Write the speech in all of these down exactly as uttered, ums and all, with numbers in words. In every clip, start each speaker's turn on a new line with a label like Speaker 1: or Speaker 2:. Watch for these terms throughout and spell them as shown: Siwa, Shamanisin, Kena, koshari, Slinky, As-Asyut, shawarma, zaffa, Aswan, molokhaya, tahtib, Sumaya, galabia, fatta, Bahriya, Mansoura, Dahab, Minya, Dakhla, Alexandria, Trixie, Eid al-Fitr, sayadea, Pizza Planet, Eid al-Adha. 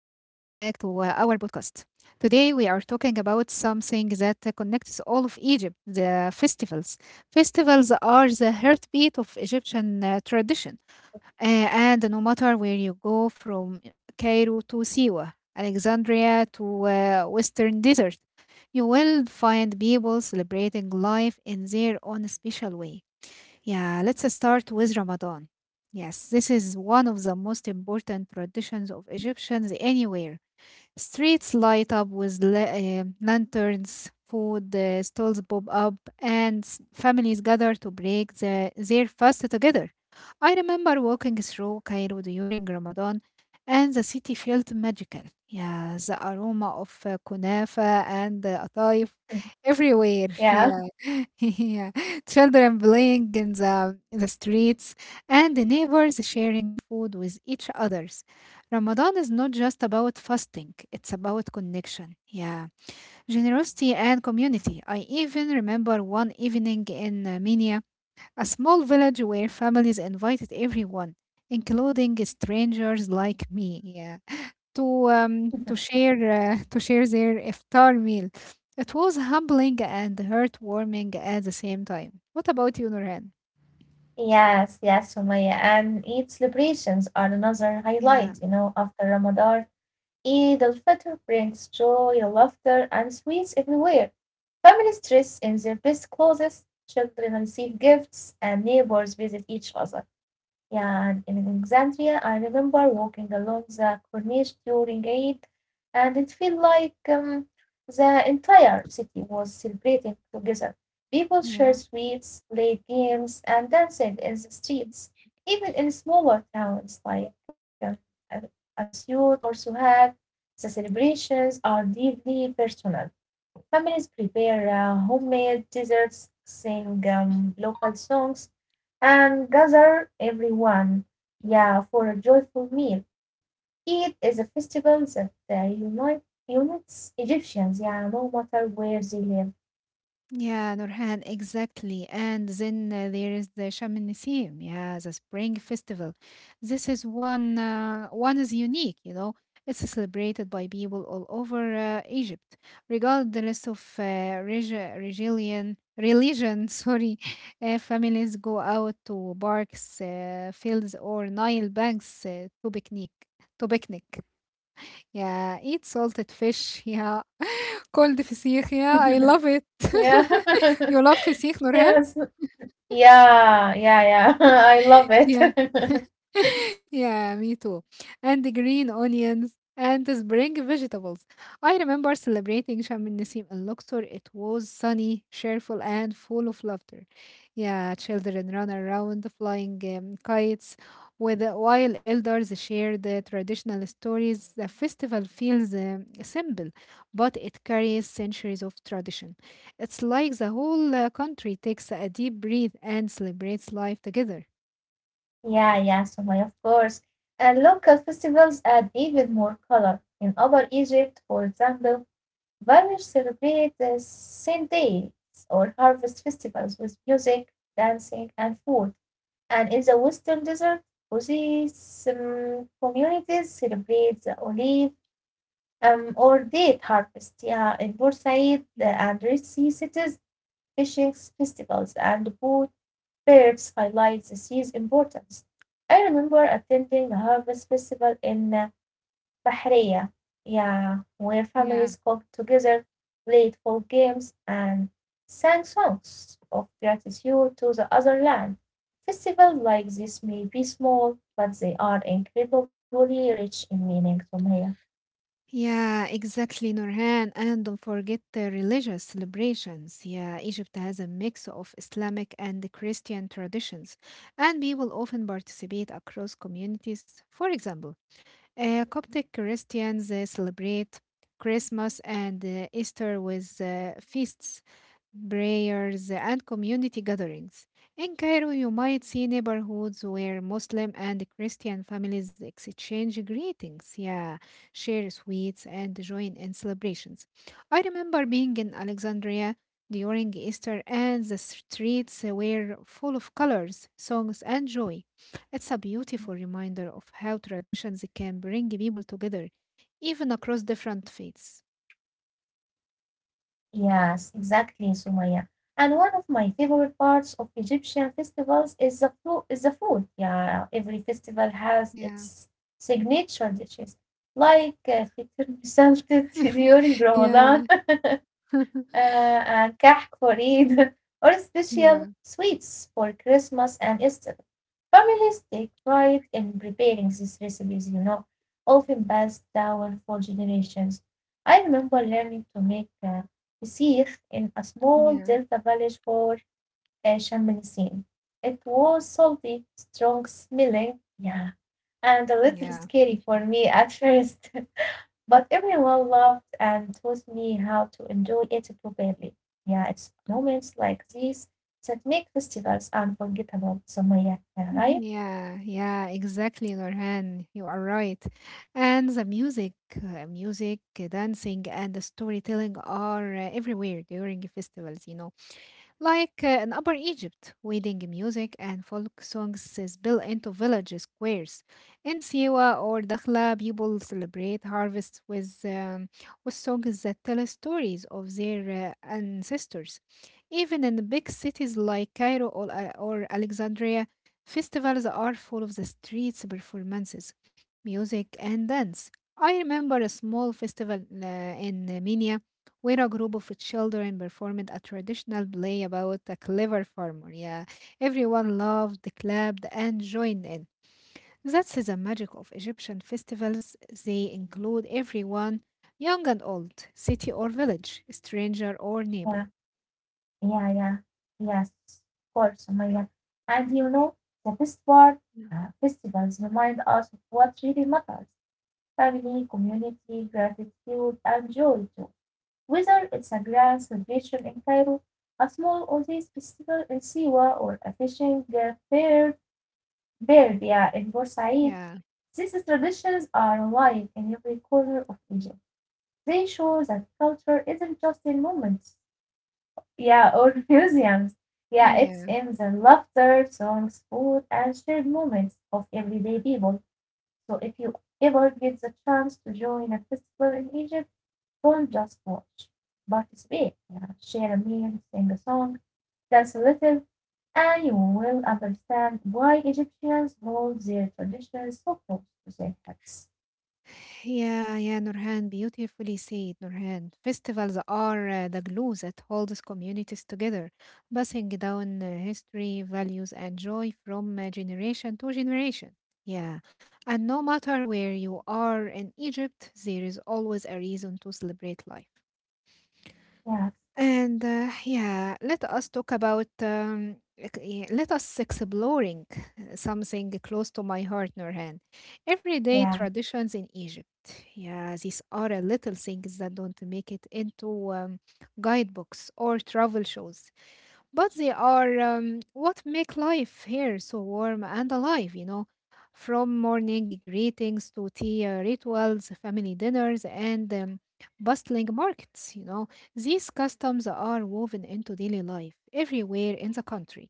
Speaker 1: to uh, our podcast. Today, we are talking about something that uh, connects all of Egypt the festivals. Festivals are the heartbeat of Egyptian uh, tradition. Uh, and no matter where you go, from Cairo to Siwa, Alexandria to uh, Western Desert, you will find people celebrating life in their own special way. Yeah, let's uh, start with Ramadan. Yes, this is one of the most important traditions of Egyptians anywhere. Streets light up with la- uh, lanterns, food uh, stalls pop up, and s- families gather to break the- their fast together. I remember walking through Cairo during Ramadan, and the city felt magical. Yeah, the aroma of uh, kunafa and uh, ataif
Speaker 2: Mm,
Speaker 1: everywhere.
Speaker 2: Yeah.
Speaker 1: Yeah, yeah. Children playing in the in the streets, and the neighbors sharing food with each other. Ramadan is not just about fasting, it's about connection. Yeah, generosity and community. I even remember one evening in uh, Minya, a small village where families invited everyone, including strangers like me, yeah, to um, to share uh, to share their iftar meal. It was humbling and heartwarming at the same time. What about you, Nurhan?
Speaker 2: Yes, yes, Sumaya. And Eid celebrations are another
Speaker 1: Yeah,
Speaker 2: highlight, you know, after Ramadan. Eid al-Fitr brings joy, laughter, and sweets everywhere. Families dress in their best clothes, children receive gifts, and neighbors visit each other. Yeah, and in Alexandria, I remember walking along the Corniche during Eid, and it felt like um, the entire city was celebrating together. People
Speaker 1: yeah.
Speaker 2: shared sweets, played games, and danced in the streets. Even in smaller towns like um, As- Asyut or Suhag, the celebrations are deeply personal. Families prepare uh, homemade desserts, sing um, local songs, and gather everyone, yeah, for a joyful meal. Eid is a festival that uh, unite, unites Egyptians, yeah, no matter where they live.
Speaker 1: Yeah, Nurhan, exactly. And then uh, there is the Sham Nisim, yeah, the spring festival. This is one uh, one is unique, you know. It's celebrated by people all over uh, Egypt, regardless of uh, regi- religion. Religion, sorry. Uh, families go out to parks, uh, fields, or Nile banks uh, to picnic. To picnic, yeah. Eat salted fish, yeah, cold فسيخ. Yeah, I love it.
Speaker 2: yeah,
Speaker 1: You love فسيخ, Nurhan?
Speaker 2: yes, yeah, yeah, yeah. I love it.
Speaker 1: Yeah. yeah, me too. And the green onions and the spring vegetables. I remember celebrating Sham el Nasim in Luxor. It was sunny, cheerful, and full of laughter. Yeah, children ran around flying um, kites, with while elders shared the traditional stories. The festival feels um, simple, but it carries centuries of tradition. It's like the whole uh, country takes a deep breath and celebrates life together.
Speaker 2: Yeah, yeah, Sumaya, of course. And local festivals add even more color. In Upper Egypt, for example, Vanish celebrate the Saint Days or harvest festivals with music, dancing, and food. And in the Western Desert, Oasis um, communities celebrate the olive um, or date harvest. Yeah, in Bursaid uh, and
Speaker 1: Yeah.
Speaker 2: Red Sea cities, fishing festivals and boat fairs highlight the sea's importance. I remember attending a harvest festival in uh, Bahriya, yeah, where families
Speaker 1: Yeah.
Speaker 2: cook together, played folk games, and sang songs of gratitude to the other land. Festivals like this may be small, but they are incredibly rich in meaning, Sumaya.
Speaker 1: Yeah, exactly, Nurhan. And don't forget the religious celebrations. Yeah, Egypt has a mix of Islamic and Christian traditions, and people often participate across communities. For example, uh, Coptic Christians uh, celebrate Christmas and uh, Easter with uh, feasts, prayers, and community gatherings. In Cairo, you might see neighborhoods where Muslim and Christian families exchange greetings, yeah, share sweets, and join in celebrations. I remember being in Alexandria during Easter, and the streets were full of colors, songs, and joy. It's a beautiful reminder of how traditions can bring people together, even across different faiths.
Speaker 2: Yes, exactly, Sumaya. And one of my favorite parts of Egyptian festivals is the food. Is the food? Yeah, every festival has
Speaker 1: Yeah.
Speaker 2: its signature dishes, like uh, fitr salted during Ramadan.
Speaker 1: yeah.
Speaker 2: uh, and cake for Eid, or special
Speaker 1: yeah.
Speaker 2: sweets for Christmas and Easter. Families take pride in preparing these recipes, you know, often passed down for generations. I remember learning to make uh, فسيخ in a small
Speaker 1: Yeah.
Speaker 2: delta village for uh, Shamanisin. It was salty, strong smelling, yeah, and a little
Speaker 1: Yeah.
Speaker 2: scary for me at first. But everyone loved and taught me how to enjoy it properly. Yeah, it's moments like these that make festivals unforgettable, Sumaya, right?
Speaker 1: Mhm. Yeah. Yeah. Exactly, Norhan. You are right. And the music, uh, music, dancing, and the storytelling are uh, everywhere during festivals, you know. Like uh, in Upper Egypt, wedding music and folk songs is built into village squares. In Siwa or Dakhla, people celebrate harvests with, um, with songs that tell stories of their uh, ancestors. Even in the big cities like Cairo or, uh, or Alexandria, festivals are full of the streets performances, music, and dance. I remember a small festival uh, in uh, Minya where a group of children performed a traditional play about a clever farmer. Yeah, everyone loved, clapped, and joined in. That's the magic of Egyptian festivals. They include everyone, young and old, city or village, stranger or
Speaker 2: Yeah,
Speaker 1: neighbor.
Speaker 2: yeah, yeah. Yes, of course, Sumaya. And you know, the best part,
Speaker 1: Yeah,
Speaker 2: uh, festivals remind us of what really matters family, community, gratitude, and joy too. Whether it's a grand celebration in Cairo, a small Oasis festival in Siwa, or a fishing uh, fair Berbeia and Boussaid. These traditions are alive in every corner of Egypt. They show that culture isn't just in monuments, yeah, or museums. Yeah, it's
Speaker 1: yeah.
Speaker 2: in the laughter, songs, food, and shared moments of everyday people. So if you ever get the chance to join a festival in Egypt, don't just watch, participate. Yeah, share a meal, sing a song, dance a little. And you will understand why Egyptians hold their traditions so close to their hearts.
Speaker 1: Yeah, yeah, Nurhan, beautifully said, Nurhan. Festivals are uh, the glue that holds communities together, passing down uh, history, values, and joy from uh, generation to generation. Yeah, and no matter where you are in Egypt, there is always a reason to celebrate life.
Speaker 2: Yes,
Speaker 1: And uh, yeah, let us talk about um, ec- yeah, let us exploring uh, something close to my heart, Nurhan. Everyday
Speaker 2: yeah,
Speaker 1: traditions in Egypt. Yeah, these are a little things that don't make it into um, guidebooks or travel shows. But they are um, what make life here so warm and alive, you know. From morning greetings to tea uh, rituals, family dinners, and um, bustling markets, you know. These customs are woven into daily life everywhere in the country.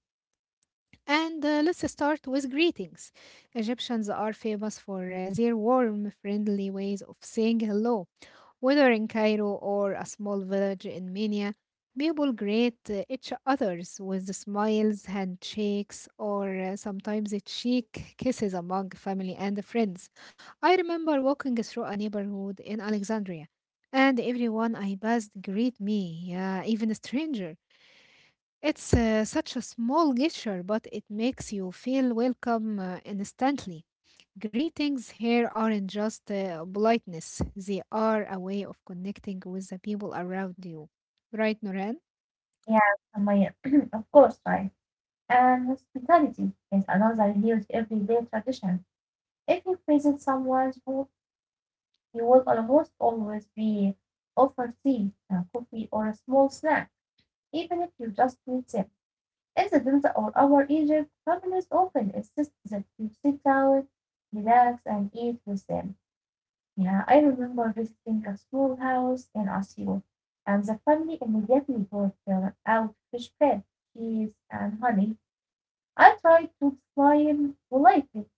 Speaker 1: And uh, let's start with greetings. Egyptians are famous for uh, their warm, friendly ways of saying hello whether in Cairo or a small village in Mania, people greet uh, each others with smiles, handshakes, or uh, sometimes cheek kisses among family and friends. I remember walking through a neighborhood in Alexandria, and everyone I passed greet me, yeah, even a stranger. It's uh, such a small gesture, but it makes you feel welcome uh, instantly. Greetings here aren't just uh, politeness, they are a way of connecting with the people around you. Right, Noran?
Speaker 2: yeah, Samaya. of course, right. And hospitality is another huge everyday tradition. If you visit someone's home, you will almost always be offered tea, a coffee, or a small snack, even if you just meet them. In the Delta or our Egypt, families often insist that you sit down, relax, and eat with them. Yeah, I remember visiting a small house in Osio, and the family immediately brought uh, out fresh bread, cheese, and honey. I tried to decline politely,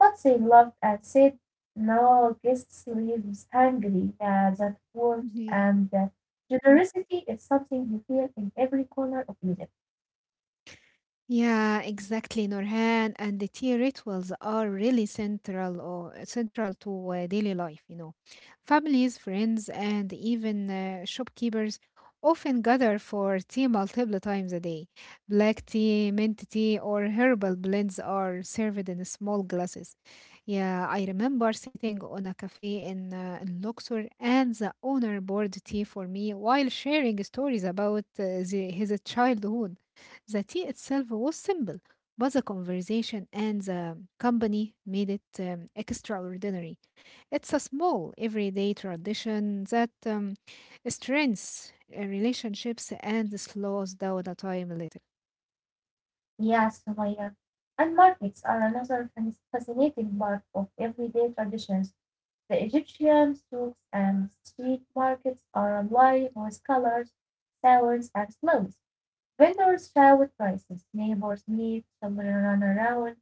Speaker 2: but they laughed and said, "No, guests leaves hungry." Yeah, that works,
Speaker 1: Yeah.
Speaker 2: and uh, generosity is something you feel in every corner of Egypt.
Speaker 1: Yeah, exactly, Nurhan. And the tea rituals are really central or central to uh, daily life, you know. Families, friends, and even uh, shopkeepers often gather for tea multiple times a day. Black tea, mint tea, or herbal blends are served in small glasses. Yeah, I remember sitting on a cafe in, uh, in Luxor and the owner poured tea for me while sharing stories about uh, the, his childhood. The tea itself was simple, but the conversation and the company made it um, extraordinary. It's a small, everyday tradition that um, strengthens uh, relationships and slows down the time a little.
Speaker 2: Yes, Sumaya. And markets are another fascinating part of everyday traditions. The Egyptian souks and street markets are alive with colors, sounds, and smells. Vendors shout prices, neighbors meet, children run around,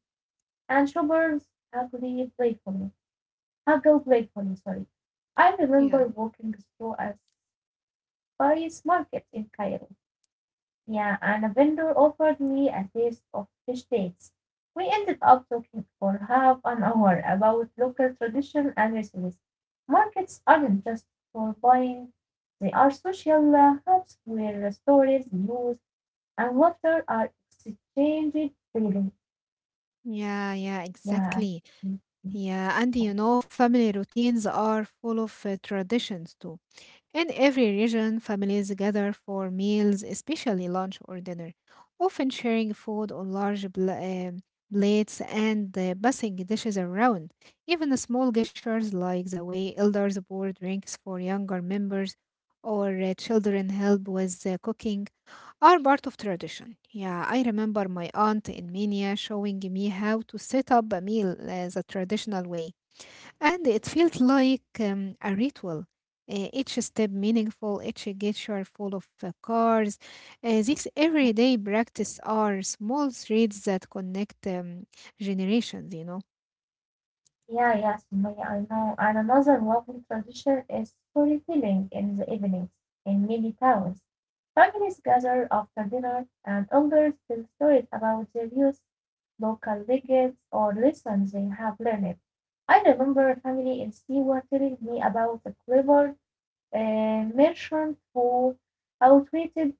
Speaker 2: and shoppers haggle playfully. Haggle playfully, sorry. I remember
Speaker 1: Yeah.
Speaker 2: walking through a spice market in Cairo, yeah, and a vendor offered me a taste of fish cakes. We ended up talking for half an hour about local tradition and recipes. Markets aren't just for buying, they are social uh, hubs where stories, news, and laughter are exchanged freely.
Speaker 1: Yeah, yeah,
Speaker 2: Yeah,
Speaker 1: exactly.
Speaker 2: I-
Speaker 1: Yeah, and
Speaker 2: of
Speaker 1: you
Speaker 2: course.
Speaker 1: know, family routines are full of uh, traditions too. In every region, families gather for meals, especially lunch or dinner, often sharing food on large bl- um, plates and uh, passing dishes around. Even the small gestures, like the way elders pour drinks for younger members or uh, children help with uh, cooking, are part of tradition. Yeah, I remember my aunt in Mania showing me how to set up a meal uh, the traditional way. And it felt like um, a ritual. Uh, each step meaningful, each gesture full of uh, cars. Uh, these everyday practice are small threads that connect um, generations, you know.
Speaker 2: Yeah, yes, Sumaya, I know. And another lovely tradition is storytelling in the evenings in many towns. Families gather after dinner, and elders tell stories about their youth, local legends, or lessons they have learned. I remember a family in Siwa telling me about a clever uh, merchant who outwitted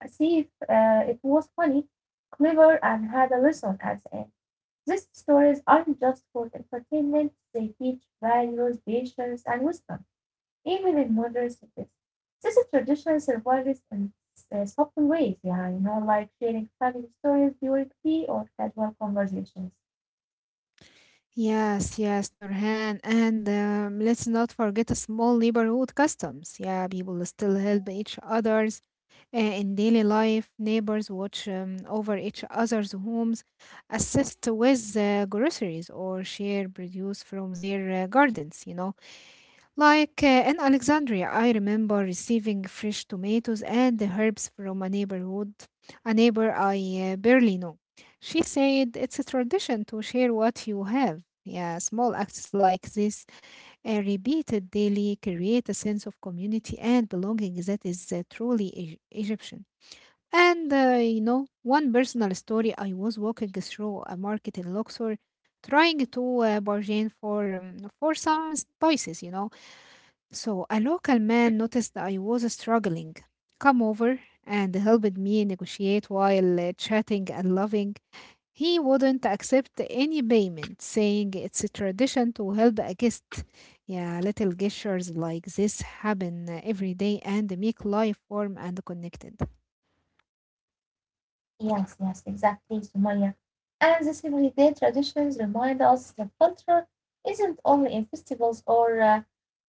Speaker 2: a thief. Uh, it was funny, clever, and had a lesson at the end. These stories aren't just for entertainment, they teach values, patience, and wisdom even in modern cities. This tradition survives in uh, subtle ways, yeah, you know, like sharing family stories during tea or casual conversations.
Speaker 1: Yes, yes, Nurhan. And um, let's not forget the small neighborhood customs. Yeah, people still help each others uh, in daily life. Neighbors watch um, over each other's homes, assist with uh, groceries, or share produce from their uh, gardens, you know. Like uh, in Alexandria, I remember receiving fresh tomatoes and the herbs from a neighborhood, a neighbor I uh, barely know. She said it's a tradition to share what you have. Yeah, small acts like this, uh, repeated daily, create a sense of community and belonging that is uh, truly Egy- Egyptian. And uh, you know, one personal story I was walking through a market in Luxor trying to uh, bargain for um, for some spices, you know so a local man noticed I was struggling, come over and helped me negotiate while uh, chatting and loving. He wouldn't accept any payment, saying it's a tradition to help a guest. Yeah, little gestures like this happen uh, every day and make life warm and connected.
Speaker 2: Yes, yes, exactly, Sumaya. And these everyday traditions remind us that culture isn't only in festivals or uh,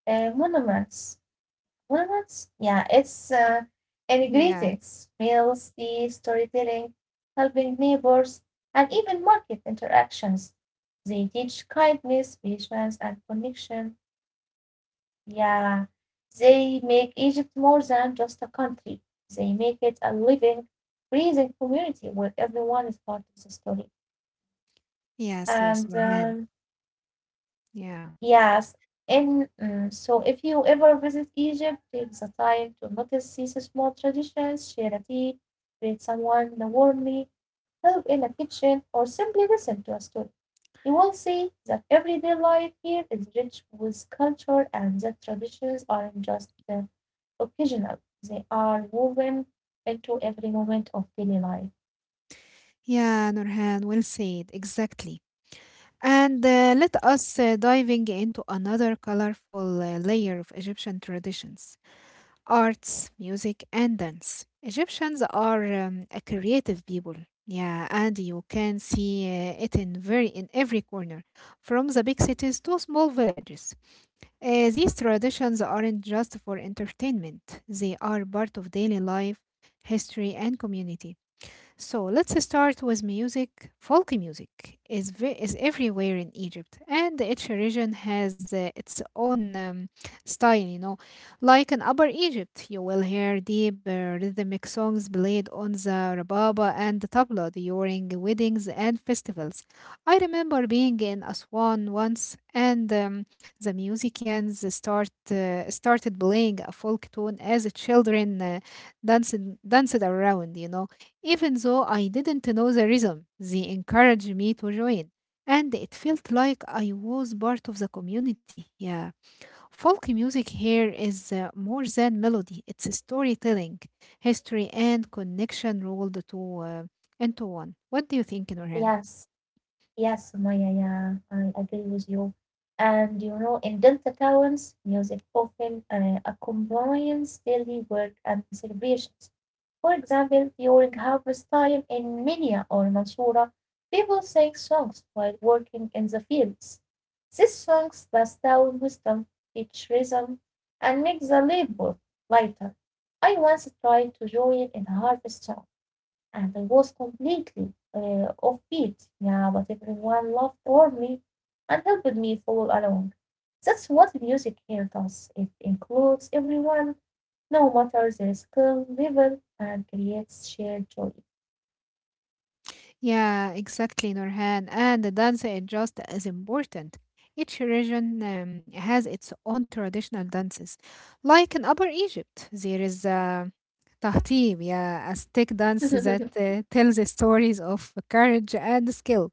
Speaker 2: uh, monuments. Well, yeah, it's uh, in
Speaker 1: Yeah.
Speaker 2: greetings, meals, tea, storytelling, helping neighbors, and even market interactions. They teach kindness, patience, and connection. Yeah, they make Egypt more than just a country. They make it a living, breathing community where everyone is part of the story.
Speaker 1: Yes, yes,
Speaker 2: And
Speaker 1: Nurhan.
Speaker 2: um,
Speaker 1: Yeah.
Speaker 2: Yes, and mm, so if you ever visit Egypt, take the time to notice these small traditions, share a tea, greet someone warmly, help in the kitchen, or simply listen to a story. You will see that everyday life here is rich with culture and that traditions aren't just uh, occasional. They are woven into every moment of daily life.
Speaker 1: Yeah, Nurhan, well said. Exactly. And uh, let us uh, diving into another colorful uh, layer of Egyptian traditions, arts, music, and dance. Egyptians are um, a creative people. Yeah, and you can see uh, it in very in every corner, from the big cities to small villages. Uh, these traditions aren't just for entertainment; they are part of daily life, history, and community. So let's start with music. Folk music is ve- is everywhere in Egypt, and each region has uh, its own um, style. You know, like in Upper Egypt, you will hear deep uh, rhythmic songs played on the rababa and the tabla during weddings and festivals. I remember being in Aswan once, and um, the musicians start uh, started playing a folk tune as the children uh, danced danced around. You know even though I didn't know the rhythm, they encouraged me to join, and it felt like I was part of the community. Yeah, folk music here is uh, more than melody, it's storytelling, history, and connection rolled to, uh, into one. What do you think, Norhan?
Speaker 2: Yes. Yes, Sumaya, yeah, I agree with you. And you know, in Delta towns, music often uh, accompanies daily work and celebrations. For example, during harvest time in Minya or Mansoura, people sing songs while working in the fields. These songs pass down wisdom, teach rhythm, and make the labor lighter. I once tried to join in a harvest song, and I was completely uh, off beat. Yeah, but everyone laughed over me and helped me follow along. That's what music here does. It includes everyone, no matter their skill level, and creates shared joy.
Speaker 1: Yeah, exactly, Nurhan. And the dance is just as important. Each region um, has its own traditional dances. Like in Upper Egypt, there is a tahtib, yeah, a stick dance that
Speaker 2: Yes,
Speaker 1: uh, tells the stories of courage and skill.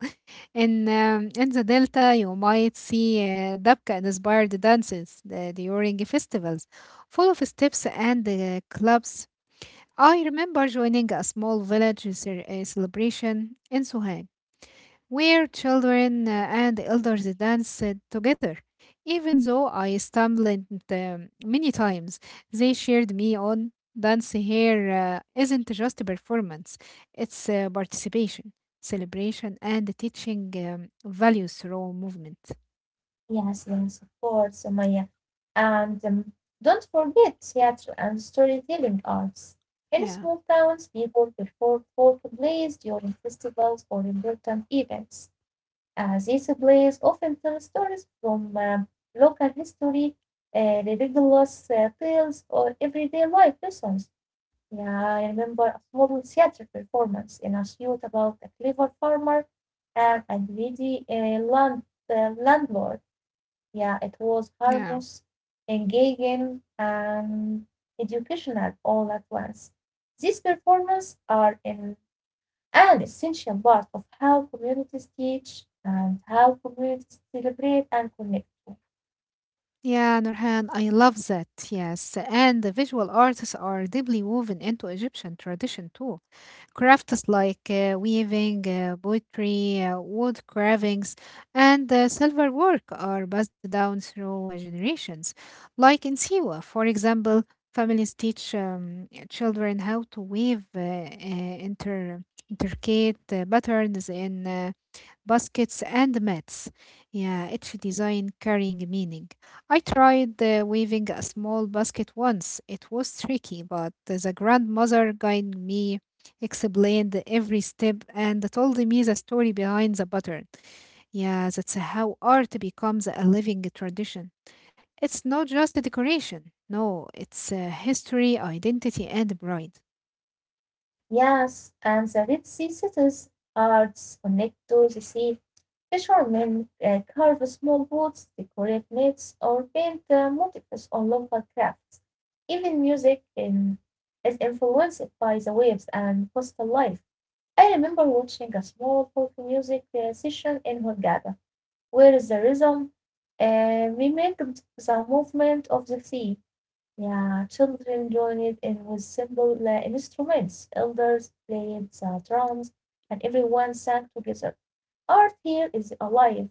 Speaker 1: In um, in the Delta, you might see uh, Dabka-inspired dances uh, during festivals, full of steps and uh, clubs. I remember joining a small village ce- uh, celebration in Suhail where children uh, and elders danced together. Even though I stumbled um, many times, they cheered me on. Dance here uh, isn't just a performance, it's uh, participation, celebration, and teaching um, values through movement.
Speaker 2: yes, of course, Maya. And um, Don't forget theater and storytelling arts. In
Speaker 1: Yeah,
Speaker 2: small towns, people perform folk plays during festivals or important events. Uh, these plays often tell stories from um, local history, uh, ridiculous uh, tales, or everyday life lessons. Yeah, I remember a small theater performance in a suit about a clever farmer and a greedy uh, land, uh, landlord. Yeah, it was
Speaker 1: yeah.
Speaker 2: harmless, engaging, and educational all at once. These performances are in an essential part of how communities teach and how communities celebrate and connect too.
Speaker 1: Yeah, Nurhan, I love that. Yes. And the visual arts are deeply woven into Egyptian tradition too. Crafts like uh, weaving, uh, poetry, uh, wood carvings, and uh, silver work are passed down through uh, generations. Like in Siwa, for example, families teach um, children how to weave uh, uh, inter intricate uh, patterns in uh, baskets, and mats. Yeah, each design carrying meaning. I tried uh, weaving a small basket once. It was tricky, but the grandmother guided me, explained every step, and told me the story behind the pattern. Yeah, that's how art becomes a living tradition. It's not just a decoration. No, it's a history, identity, and pride.
Speaker 2: Yes, and the Red Sea cities arts connect to the sea. Fishermen uh, carve small boats, decorate nets, or paint uh, motifs on local crafts. Even music in, is influenced by the waves and coastal life. I remember watching a small folk music uh, session in Hurghada, where the rhythm uh, mimicked the movement of the sea. Yeah, children joined in with simple uh, instruments, elders played the drums, and everyone sang together. Art here is alive,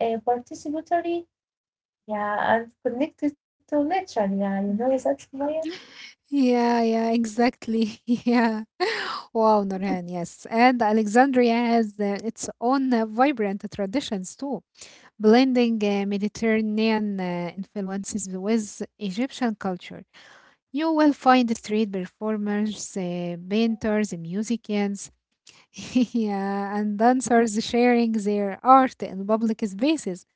Speaker 2: uh, participatory, yeah, and connected to nature. Yeah, you know that's my
Speaker 1: Yeah, yeah, exactly. Yeah. Wow, Nurhan, yes. And Alexandria has uh, its own uh, vibrant traditions too, blending uh, Mediterranean uh, influences with Egyptian culture. You will find street performers, uh, painters, musicians, yeah, and dancers sharing their art in public spaces.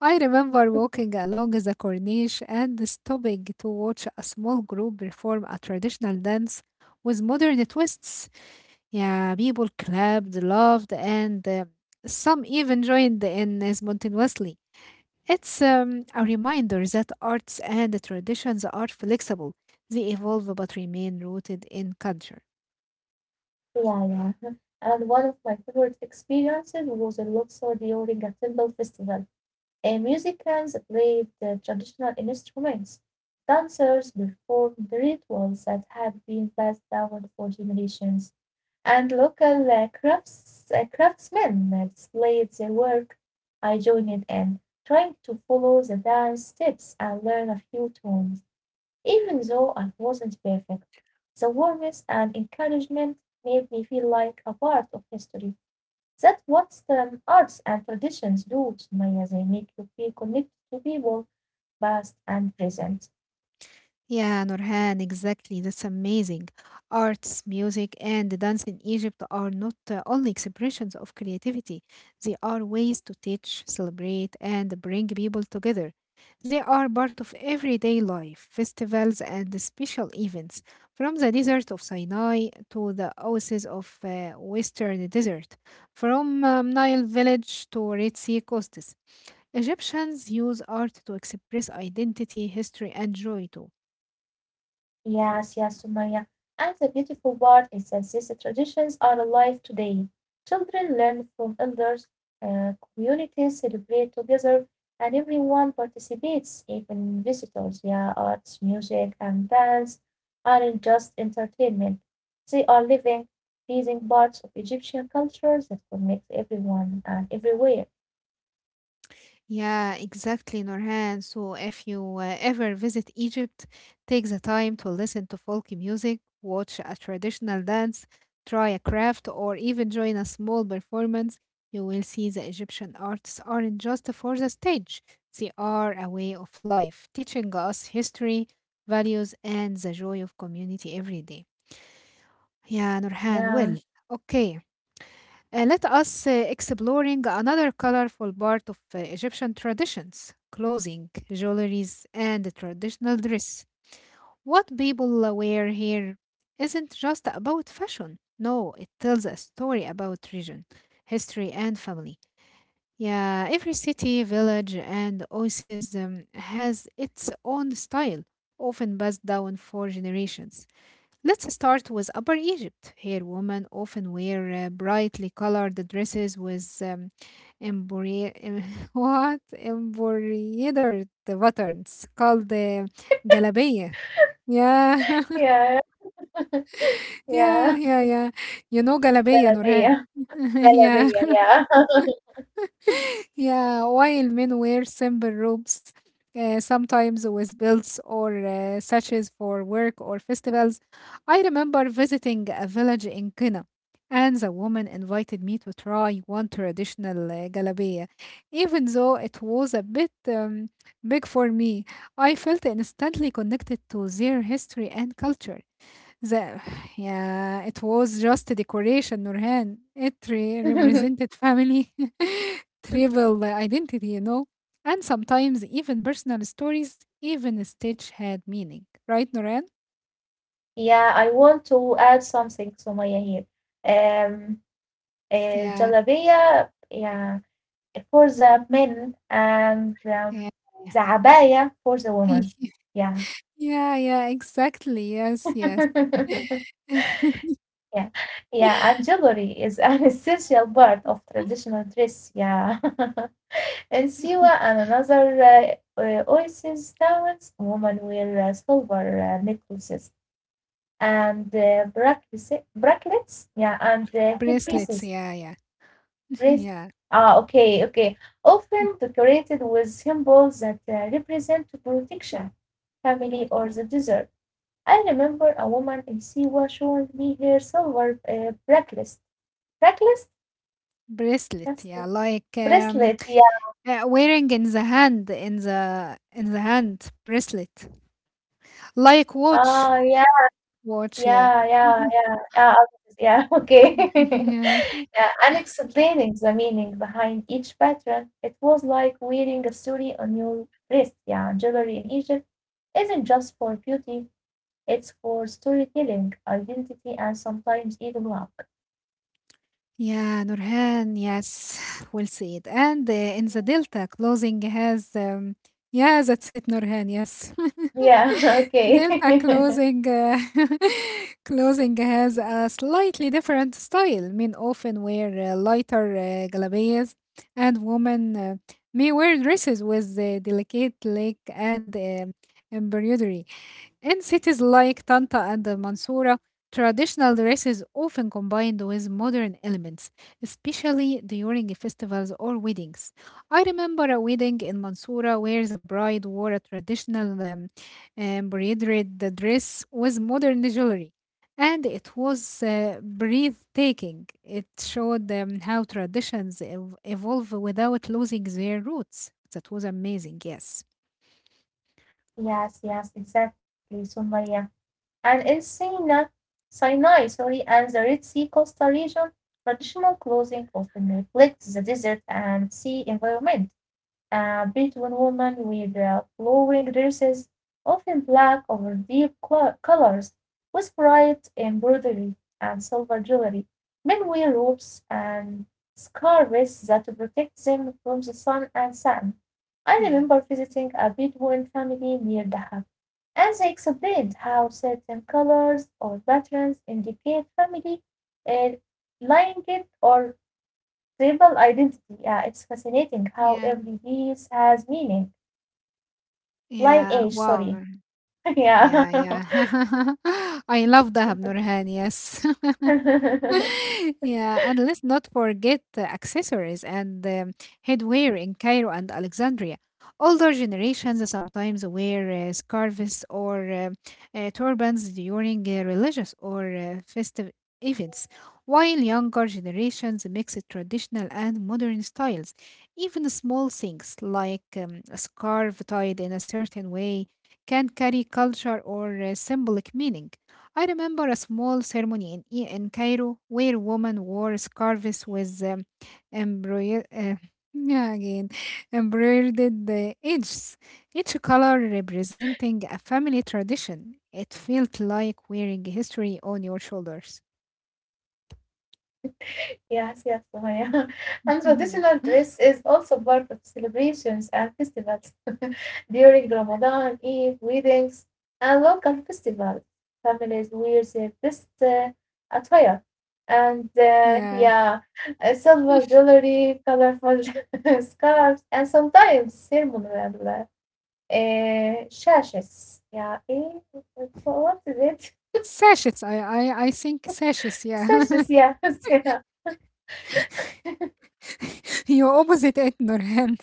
Speaker 1: I remember walking along the corniche and stopping to watch a small group perform a traditional dance with modern twists. Yeah, people clapped, laughed, and uh, some even joined in spontaneously. It's um, a reminder that arts and traditions are flexible, they evolve but remain rooted in culture.
Speaker 2: Yeah, yeah. And one of my favorite experiences was in Luxor during a temple festival. And musicians played the traditional instruments, dancers performed the rituals that had been passed down for generations, and local uh, crafts, uh, craftsmen displayed their work. I joined in, um, trying to follow the dance steps and learn a few tunes, even though I wasn't perfect. The warmth and encouragement made me feel like a part of history. That's what um, arts and traditions do, Sumaya. They make you feel connected to people, past and present.
Speaker 1: Yeah, Nurhan, exactly. That's amazing. Arts, music, and dance in Egypt are not uh, only expressions of creativity, they are ways to teach, celebrate, and bring people together. They are part of everyday life, festivals, and special events, from the desert of Sinai to the oases of uh, Western Desert, from um, Nile village to Red Sea coasts. Egyptians use art to express identity, history, and joy too.
Speaker 2: Yes, yes, Sumaya. And the beautiful part is that these traditions are alive today. Children learn from elders, uh, communities celebrate together, and everyone participates, even visitors. Yeah, arts, music, and dance aren't just entertainment. They are living, breathing parts of Egyptian culture that connect everyone and everywhere.
Speaker 1: Yeah, exactly, Norhan. So if you uh, ever visit Egypt, take the time to listen to folk music, watch a traditional dance, try a craft, or even join a small performance. You will see the Egyptian arts aren't just for the stage, they are a way of life, teaching us history, values, and the joy of community every day. Yeah, Nurhan,
Speaker 2: Yeah.
Speaker 1: well, okay. Uh, let us uh, exploring another colorful part of uh, Egyptian traditions, clothing, jewelries, and the traditional dress. What people uh, wear here isn't just about fashion. No, it tells a story about region, history, and family. Yeah, every city, village, and oasis um, has its own style, often passed down for generations. Let's start with Upper Egypt. Here, women often wear uh, brightly colored dresses with um, embroidered what embroidered buttons called uh, galabia. Yeah,
Speaker 2: Yeah. Yeah.
Speaker 1: yeah, yeah, yeah. You know galabia,
Speaker 2: Zalabiya.
Speaker 1: Nurhan. Yeah.
Speaker 2: Zalabiya, yeah.
Speaker 1: Yeah, while men wear simple robes, uh, sometimes with belts or uh, sashes for work or festivals. I remember visiting a village in Kenya, and the woman invited me to try one traditional uh, galabeya. Even though it was a bit um, big for me, I felt instantly connected to their history and culture. The yeah, it was just a decoration, Nurhan. It re- represented family, tribal identity, you know, and sometimes even personal stories. Even a stitch had meaning, right, Nurhan?
Speaker 2: Yeah, I want to add something, Sumaya, here. Um, uh,
Speaker 1: Yeah,
Speaker 2: Jalabiya, yeah, for the men and um,
Speaker 1: yeah, yeah,
Speaker 2: the abaya for the woman. Yeah.
Speaker 1: yeah, yeah, exactly. Yes, yes.
Speaker 2: Yeah. Yeah, and jewelry is an essential part of traditional dress. Yeah. In Siwa and another uh, uh, oasis towns, women wear uh, silver uh, necklaces and uh, brackets, bracelets, yeah, and uh,
Speaker 1: Bracelets,
Speaker 2: headpieces.
Speaker 1: yeah, yeah,
Speaker 2: Brace-
Speaker 1: yeah.
Speaker 2: ah, okay, okay. Often decorated with symbols that uh, represent protection, family, or the desert. I remember a woman in Siwa showing me her silver uh, bracelet, bracelet,
Speaker 1: Bracelet, yeah,
Speaker 2: bracelet,
Speaker 1: like um,
Speaker 2: bracelet. Yeah.
Speaker 1: uh, wearing in the hand, in the in the hand, bracelet, like watch.
Speaker 2: Ah, yeah.
Speaker 1: Watch, yeah.
Speaker 2: Yeah, yeah,
Speaker 1: Mhm.
Speaker 2: yeah, yeah, algorithms, yeah, okay.
Speaker 1: Yeah.
Speaker 2: Yeah, and explaining the meaning behind each pattern. It was like wearing a story on your wrist. Yeah, jewelry in Egypt isn't just for beauty, it's for storytelling, identity, and sometimes even luck.
Speaker 1: Yeah, Nurhan, yes, well said. And uh, in the Delta, closing has, um, yeah, that's it, Nurhan, yes.
Speaker 2: Yeah, okay.
Speaker 1: Delta closing, uh, closing has a slightly different style. Men often wear uh, lighter uh, galabiyas, and women uh, may wear dresses with uh, delicate leg and uh, embroidery. In cities like Tanta and the Mansoura, traditional dresses often combined with modern elements, especially during festivals or weddings. I remember a wedding in Mansoura where the bride wore a traditional um, embroidered dress with modern jewelry, and it was uh, breathtaking. It showed um, how traditions ev- evolve without losing their roots. That was amazing, yes.
Speaker 2: Yes, yes, exactly, Sumaya. And in Sinai, Sinai, sorry, and the Red Sea coastal region, traditional clothing often reflects the desert and sea environment. A Bedouin woman with uh, flowing dresses, often black over deep colours, with bright embroidery and silver jewelry. Men wear robes and scarves that protect them from the sun and sand. I
Speaker 1: Yeah,
Speaker 2: remember visiting a Bedouin family near Dahab, and they explained how certain colours or patterns indicate family uh, lineage or tribal identity. Yeah, it's fascinating how
Speaker 1: yeah,
Speaker 2: every piece has meaning.
Speaker 1: yeah.
Speaker 2: Lineage,
Speaker 1: Wow,
Speaker 2: sorry.
Speaker 1: Nur-
Speaker 2: Yeah.
Speaker 1: yeah, yeah. I love Dahab Nurhan. Yes, yeah, and let's not forget the accessories and um, headwear in Cairo and Alexandria. Older generations sometimes wear uh, scarves or uh, uh, turbans during uh, religious or uh, festive events, while younger generations mix traditional and modern styles. Even small things like um, a scarf tied in a certain way can carry culture or uh, symbolic meaning. I remember a small ceremony in, E- in Cairo where women wore scarves with um, embroidered. Uh, yeah, again, embroidered uh, edges, each color representing a family tradition. It felt like wearing history on your shoulders.
Speaker 2: Yes, yes, Sumaya. And
Speaker 1: Yeah.
Speaker 2: traditional dress is also part of celebrations and festivals during Ramadan, Eid, weddings, and local festivals. Families wear their best uh, attire. And uh,
Speaker 1: Yeah.
Speaker 2: yeah, uh, silver jewelry, colorful scarves, and sometimes ceremonial Uh, sashes. Yeah. Eh, what is it?
Speaker 1: Sashes. I, I, I think sashes. Yeah.
Speaker 2: Sashes. Yeah. Yeah.
Speaker 1: You opposite it, Nurhan.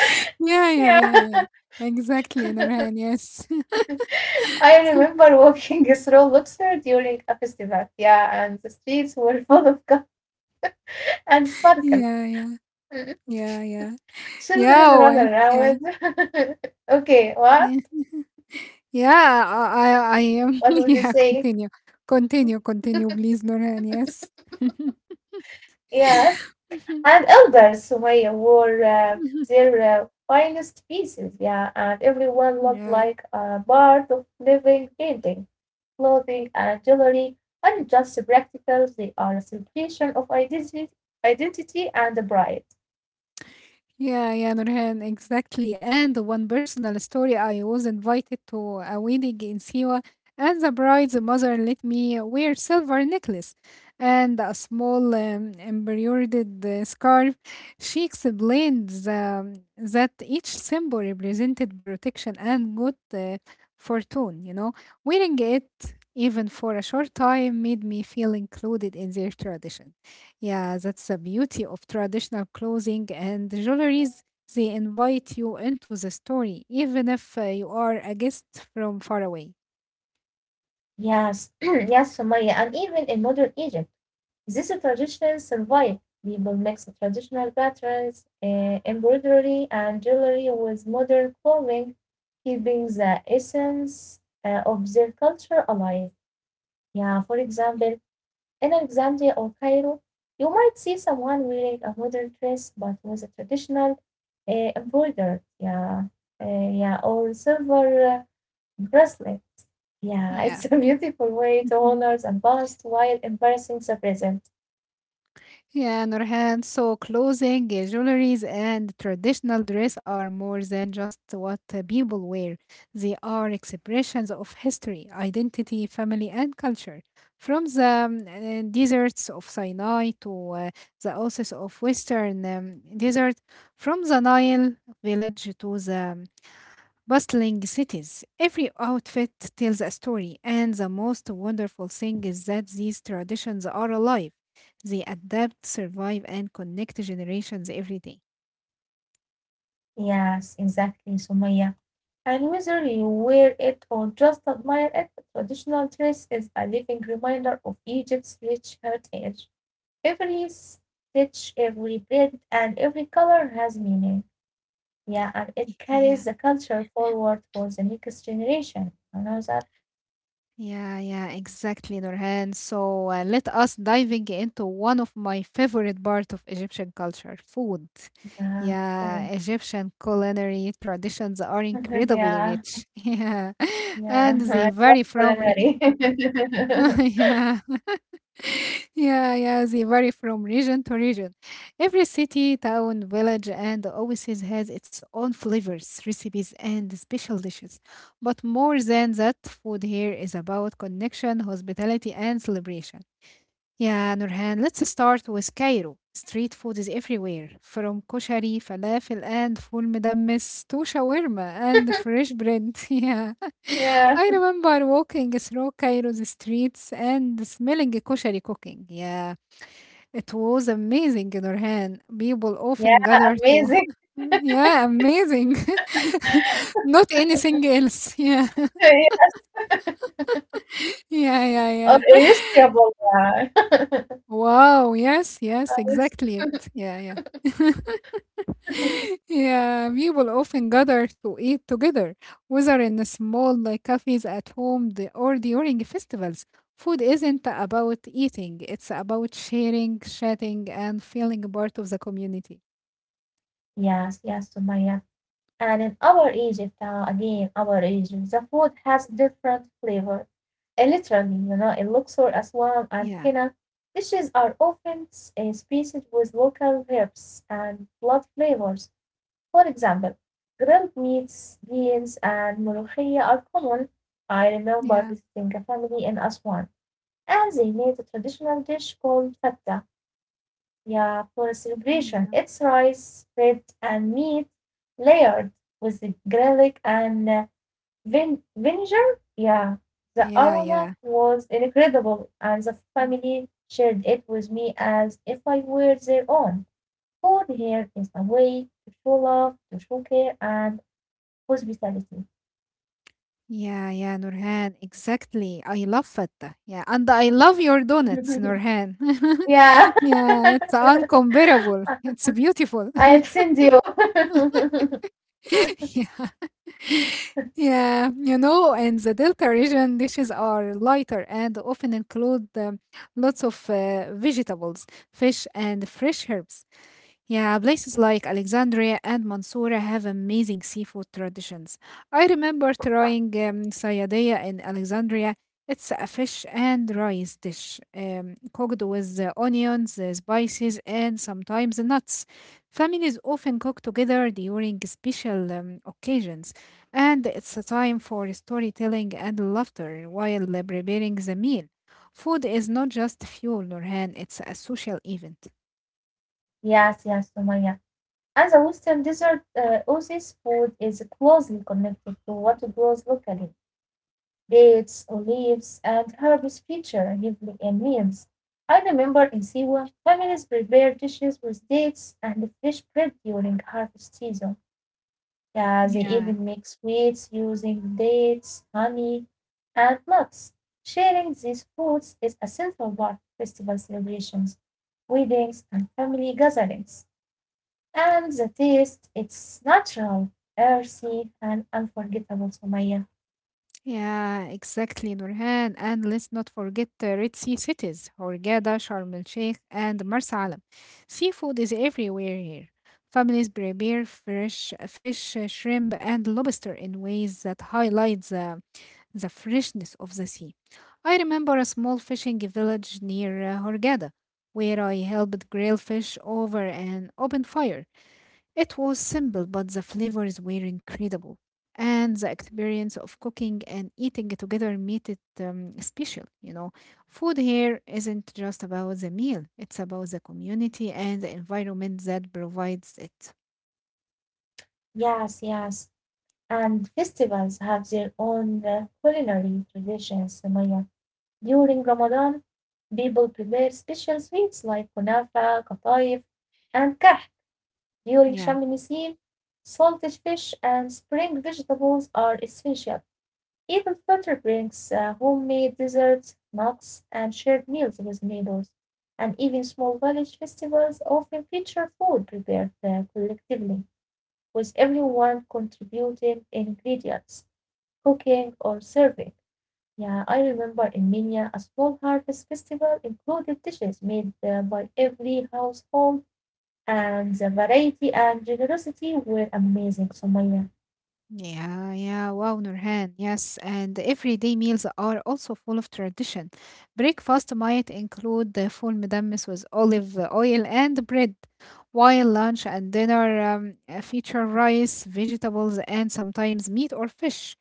Speaker 1: Yeah, yeah,
Speaker 2: Yeah.
Speaker 1: yeah, yeah. Exactly, Nurhan. Yes.
Speaker 2: I remember walking through Luxor during a festival. Yeah. And the streets were full of color and sparkle.
Speaker 1: Yeah, yeah,
Speaker 2: Mm.
Speaker 1: yeah, yeah.
Speaker 2: Children
Speaker 1: Yeah,
Speaker 2: run
Speaker 1: well, yeah,
Speaker 2: around. Okay.
Speaker 1: yeah,
Speaker 2: What?
Speaker 1: yeah. I, I, I am.
Speaker 2: What would you
Speaker 1: Yeah,
Speaker 2: say?
Speaker 1: continue, continue, continue, please, Nurhan. Yes.
Speaker 2: Yes. And elders, Sumaya, wore uh, their uh, finest pieces. Yeah. And everyone looked
Speaker 1: Yeah.
Speaker 2: like a part of living painting. Clothing and jewelry aren't just practicals, they are a celebration of identity, identity and pride.
Speaker 1: Yeah, yeah, Nurhan, exactly. And one personal story I was invited to a wedding in Siwa, and the bride's mother let me wear silver necklace and a small um, embroidered uh, scarf. She explained the, that each symbol represented protection and good uh, fortune, you know. Wearing it, even for a short time, made me feel included in their tradition. Yeah, that's the beauty of traditional clothing and jewelries. They invite you into the story, even if uh, you are a guest from far away.
Speaker 2: Yes, yes, Sumaya, and even in modern Egypt, these traditions survive. People mix traditional patterns, eh, embroidery, and jewelry with modern clothing, keeping the essence uh, of their culture alive. Yeah, for example, in Alexandria or Cairo, you might see someone wearing a modern dress but with a traditional uh, embroidered, yeah, uh, yeah, or silver uh, bracelet. Yeah, it's a
Speaker 1: Yeah.
Speaker 2: beautiful way to honor the past while embracing the present.
Speaker 1: Yeah, Nurhan. So clothing, uh, jewelries, and traditional dress are more than just what uh, people wear. They are expressions of history, identity, family, and culture. From the um, uh, deserts of Sinai to uh, the oasis of Western um, desert, from the Nile village to the bustling cities. Every outfit tells a story, and the most wonderful thing is that these traditions are alive. They adapt, survive, and connect generations every day.
Speaker 2: Yes, exactly, Sumaya. And whether you wear it or just admire it, the traditional dress is a living reminder of Egypt's rich heritage. Every stitch, every print, and every color has meaning. Yeah, and it
Speaker 1: Yeah,
Speaker 2: carries the culture forward for the next generation. I know that?
Speaker 1: yeah, yeah, exactly, Nurhan. So uh, let us diving into one of my favorite part of Egyptian culture, food.
Speaker 2: Yeah.
Speaker 1: Yeah,
Speaker 2: Oh.
Speaker 1: Egyptian culinary traditions are
Speaker 2: Yeah.
Speaker 1: incredibly rich. Yeah,
Speaker 2: Yeah. I
Speaker 1: and
Speaker 2: love
Speaker 1: they vary
Speaker 2: culinary.
Speaker 1: from yeah. yeah, yeah, they vary from region to region. Every city, town, village, and oasis has its own flavors, recipes, and special dishes. But more than that, food here is about connection, hospitality, and celebration. Yeah, Nurhan, let's start with Cairo. Street food is everywhere, from koshari, falafel, and full medammes to shawarma and fresh bread. Yeah,
Speaker 2: Yeah.
Speaker 1: I remember walking through Cairo's streets and smelling koshari cooking. Yeah, it was amazing, Nurhan. People
Speaker 2: Yeah.
Speaker 1: often gather to.
Speaker 2: Amazing.
Speaker 1: Yeah, amazing. Not anything else. Yeah,
Speaker 2: Yeah.
Speaker 1: yeah, yeah,
Speaker 2: Oh,
Speaker 1: yeah.
Speaker 2: irresistible. Yeah.
Speaker 1: Wow, yes, yes,
Speaker 2: Yes.
Speaker 1: exactly it. Yeah, yeah. Yeah, people often gather to eat together, whether in small like cafes at home the, or during festivals. Food isn't about eating, it's about sharing, chatting, and feeling part of the community.
Speaker 2: Yes, yes, Sumaya. And in our Egypt, uh, again, our Egypt, the food has different flavor. And literally, you know, in Luxor, Aswan, and
Speaker 1: Yeah,
Speaker 2: Kena, dishes are often s- uh, spiced with local herbs and blood flavors. For example, grilled meats, beans, and molokhia are common. I remember
Speaker 1: yeah,
Speaker 2: visiting a family in Aswan, and they made a traditional dish called fatta. Yeah, for celebration.
Speaker 1: yeah,
Speaker 2: It's rice, bread, and meat layered with the garlic and uh, vin- vinegar. Yeah, the
Speaker 1: yeah,
Speaker 2: aroma
Speaker 1: yeah.
Speaker 2: was incredible, and the
Speaker 1: Mm.
Speaker 2: family shared it with me as if I were their own. Food here is a way to show love, to show care, and hospitality.
Speaker 1: Yeah, yeah, Nurhan, exactly. I love fatta. Yeah, and I love your donuts, Nurhan.
Speaker 2: Yeah. I'll
Speaker 1: Yeah, it's uncomparable. It's beautiful.
Speaker 2: send you.
Speaker 1: Yeah. Yeah, you know, in the Delta region, dishes are lighter and often include um, lots of uh, vegetables, fish, and fresh herbs. Yeah, places like Alexandria and Mansoura have amazing seafood traditions. I remember trying um, sayadea in Alexandria. It's a fish and rice dish, um, cooked with uh, onions, uh, spices, and sometimes nuts. Families often cook together during special um, occasions. And it's a time for storytelling and laughter while preparing the meal. Food is not just fuel, Nurhan, it's a social event.
Speaker 2: Yes, yes, Sumaya. As a Western dessert, uh, Oasis food is closely connected to what grows locally. Dates, olives, and herbs feature heavily in meals. I remember in Siwa, families prepare dishes with dates and fresh bread during harvest season. Yeah, they
Speaker 1: Yeah,
Speaker 2: even make sweets using dates, honey, and nuts. Sharing these foods is a central part of festival celebrations, weddings, and family gatherings. And the taste, it's natural, earthy, and unforgettable, Sumaya.
Speaker 1: yeah, exactly, Nurhan. And let's not forget the Red Sea cities, Hurghada, Sharm el Sheikh, and Marsa Alam. Seafood is everywhere here. Families prepare fresh fish, shrimp, and lobster in ways that highlight the the freshness of the sea. I remember a small fishing village near uh, Hurghada where I helped grill fish over an open fire. It was simple, but the flavors were incredible. And the experience of cooking and eating together made it um, special, you know. Food here isn't just about the meal, it's about the community and the environment that provides it.
Speaker 2: Yes, yes. And festivals have their own uh, culinary traditions, Sumaya. During Ramadan, people prepare special sweets like kunafa, kataif, and kah. During
Speaker 1: Yeah.
Speaker 2: Sham Nisim, salted fish and spring vegetables are essential. Even Flutter brings uh, homemade desserts, nuts, and shared meals with neighbors, and even small village festivals often feature food prepared uh, collectively, with everyone contributing ingredients, cooking, or serving. Yeah, I remember in Minya, a small harvest festival included dishes made uh, by every household, and the variety and generosity were amazing, Sumaya.
Speaker 1: Yeah, yeah, wow, Nurhan. Yes, and everyday meals are also full of tradition. Breakfast might include the full midammis with olive oil and bread, while lunch and dinner um, uh, feature rice, vegetables, and sometimes meat or fish.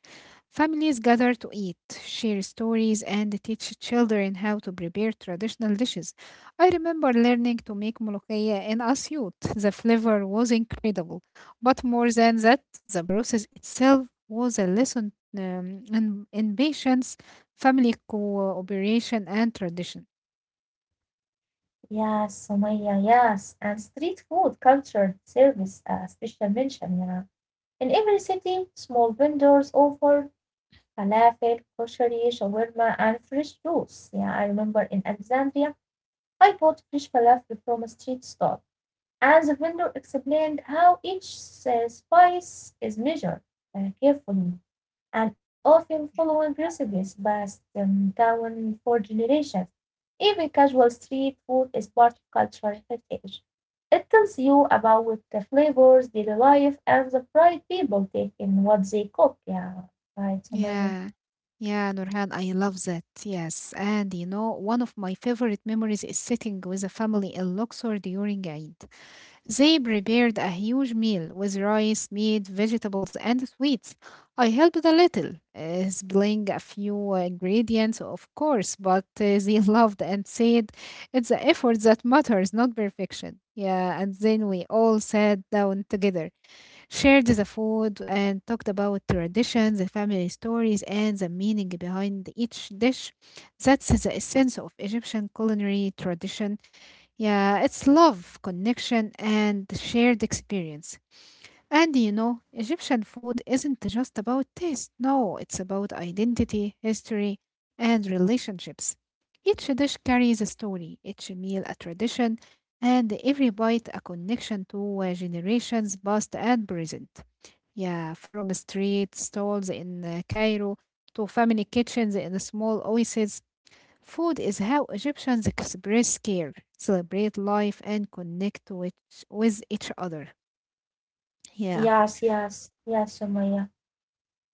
Speaker 1: Families gather to eat, share stories, and teach children how to prepare traditional dishes. I remember learning to make molokhaya in Asyut. The flavor was incredible, but more than that, the process itself was a lesson um, in, in patience, family cooperation, and tradition.
Speaker 2: Yes, Sumaya, yes. And street food culture service a special mention, yeah. In every city, small vendors offer falafel, koshari, shawarma, and fresh juice. Yeah, I remember in Alexandria, I bought fresh falafel from a street stall, and the vendor explained how each uh, spice is measured uh, carefully and often following recipes passed um, down for generations. Even casual street food is part of cultural heritage. It tells you about the flavors, daily life, and the pride people take in what they cook. Yeah, right, Sumaya.
Speaker 1: Yeah. Yeah, Nurhan, I love that. Yes. And you know, one of my favorite memories is sitting with a family in Luxor during Eid. They prepared a huge meal with rice, meat, vegetables, and sweets. I helped a little, uh, spilling a few uh, ingredients, of course, but uh, they loved and said it's the effort that matters, not perfection. Yeah, and then we all sat down together, shared the food, and talked about traditions, the family stories, and the meaning behind each dish. That's the essence of Egyptian culinary tradition yeah, it's love, connection, and the shared experience. And you know, Egyptian food isn't just about taste. No, it's about identity, history, and relationships. Each dish carries a story, each meal a tradition, and every bite a connection to uh, generations past and present. Yeah, from street stalls in uh, Cairo to family kitchens in small oases. Food is how Egyptians express care, celebrate life, and connect with, with each other. Yeah.
Speaker 2: Yes, yes, yes, Sumaya.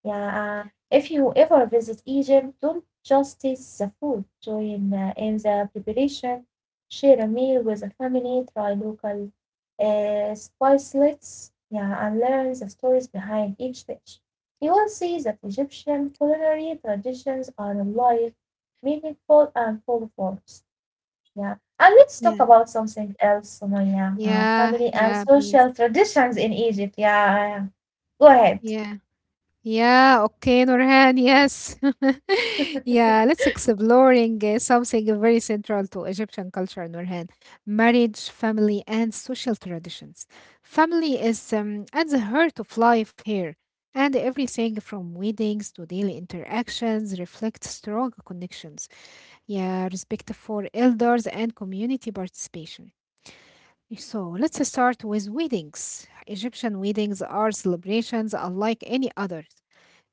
Speaker 2: Yeah, uh, if you ever visit Egypt, don't just taste the food. Join uh, in the preparation. Share a meal with a family. Try local uh, spicelets. Yeah, and learn the stories behind each dish. You will see that Egyptian culinary traditions are alive, meaningful, and full of warmth. Yeah, and let's talk
Speaker 1: Yeah.
Speaker 2: about something else, Sumaya. Uh,
Speaker 1: Yeah.
Speaker 2: family and
Speaker 1: Yeah, please.
Speaker 2: social traditions in Egypt. Yeah, yeah. Go ahead.
Speaker 1: Yeah. Yeah. Okay, Nurhan. Yes. Yeah. Let's exploring uh, something very central to Egyptian culture, Nurhan. Marriage, family, and social traditions. Family is um, at the heart of life here. And everything from weddings to daily interactions reflects strong connections. Yeah, respect for elders and community participation. So let's start with weddings. Egyptian weddings are celebrations unlike any others.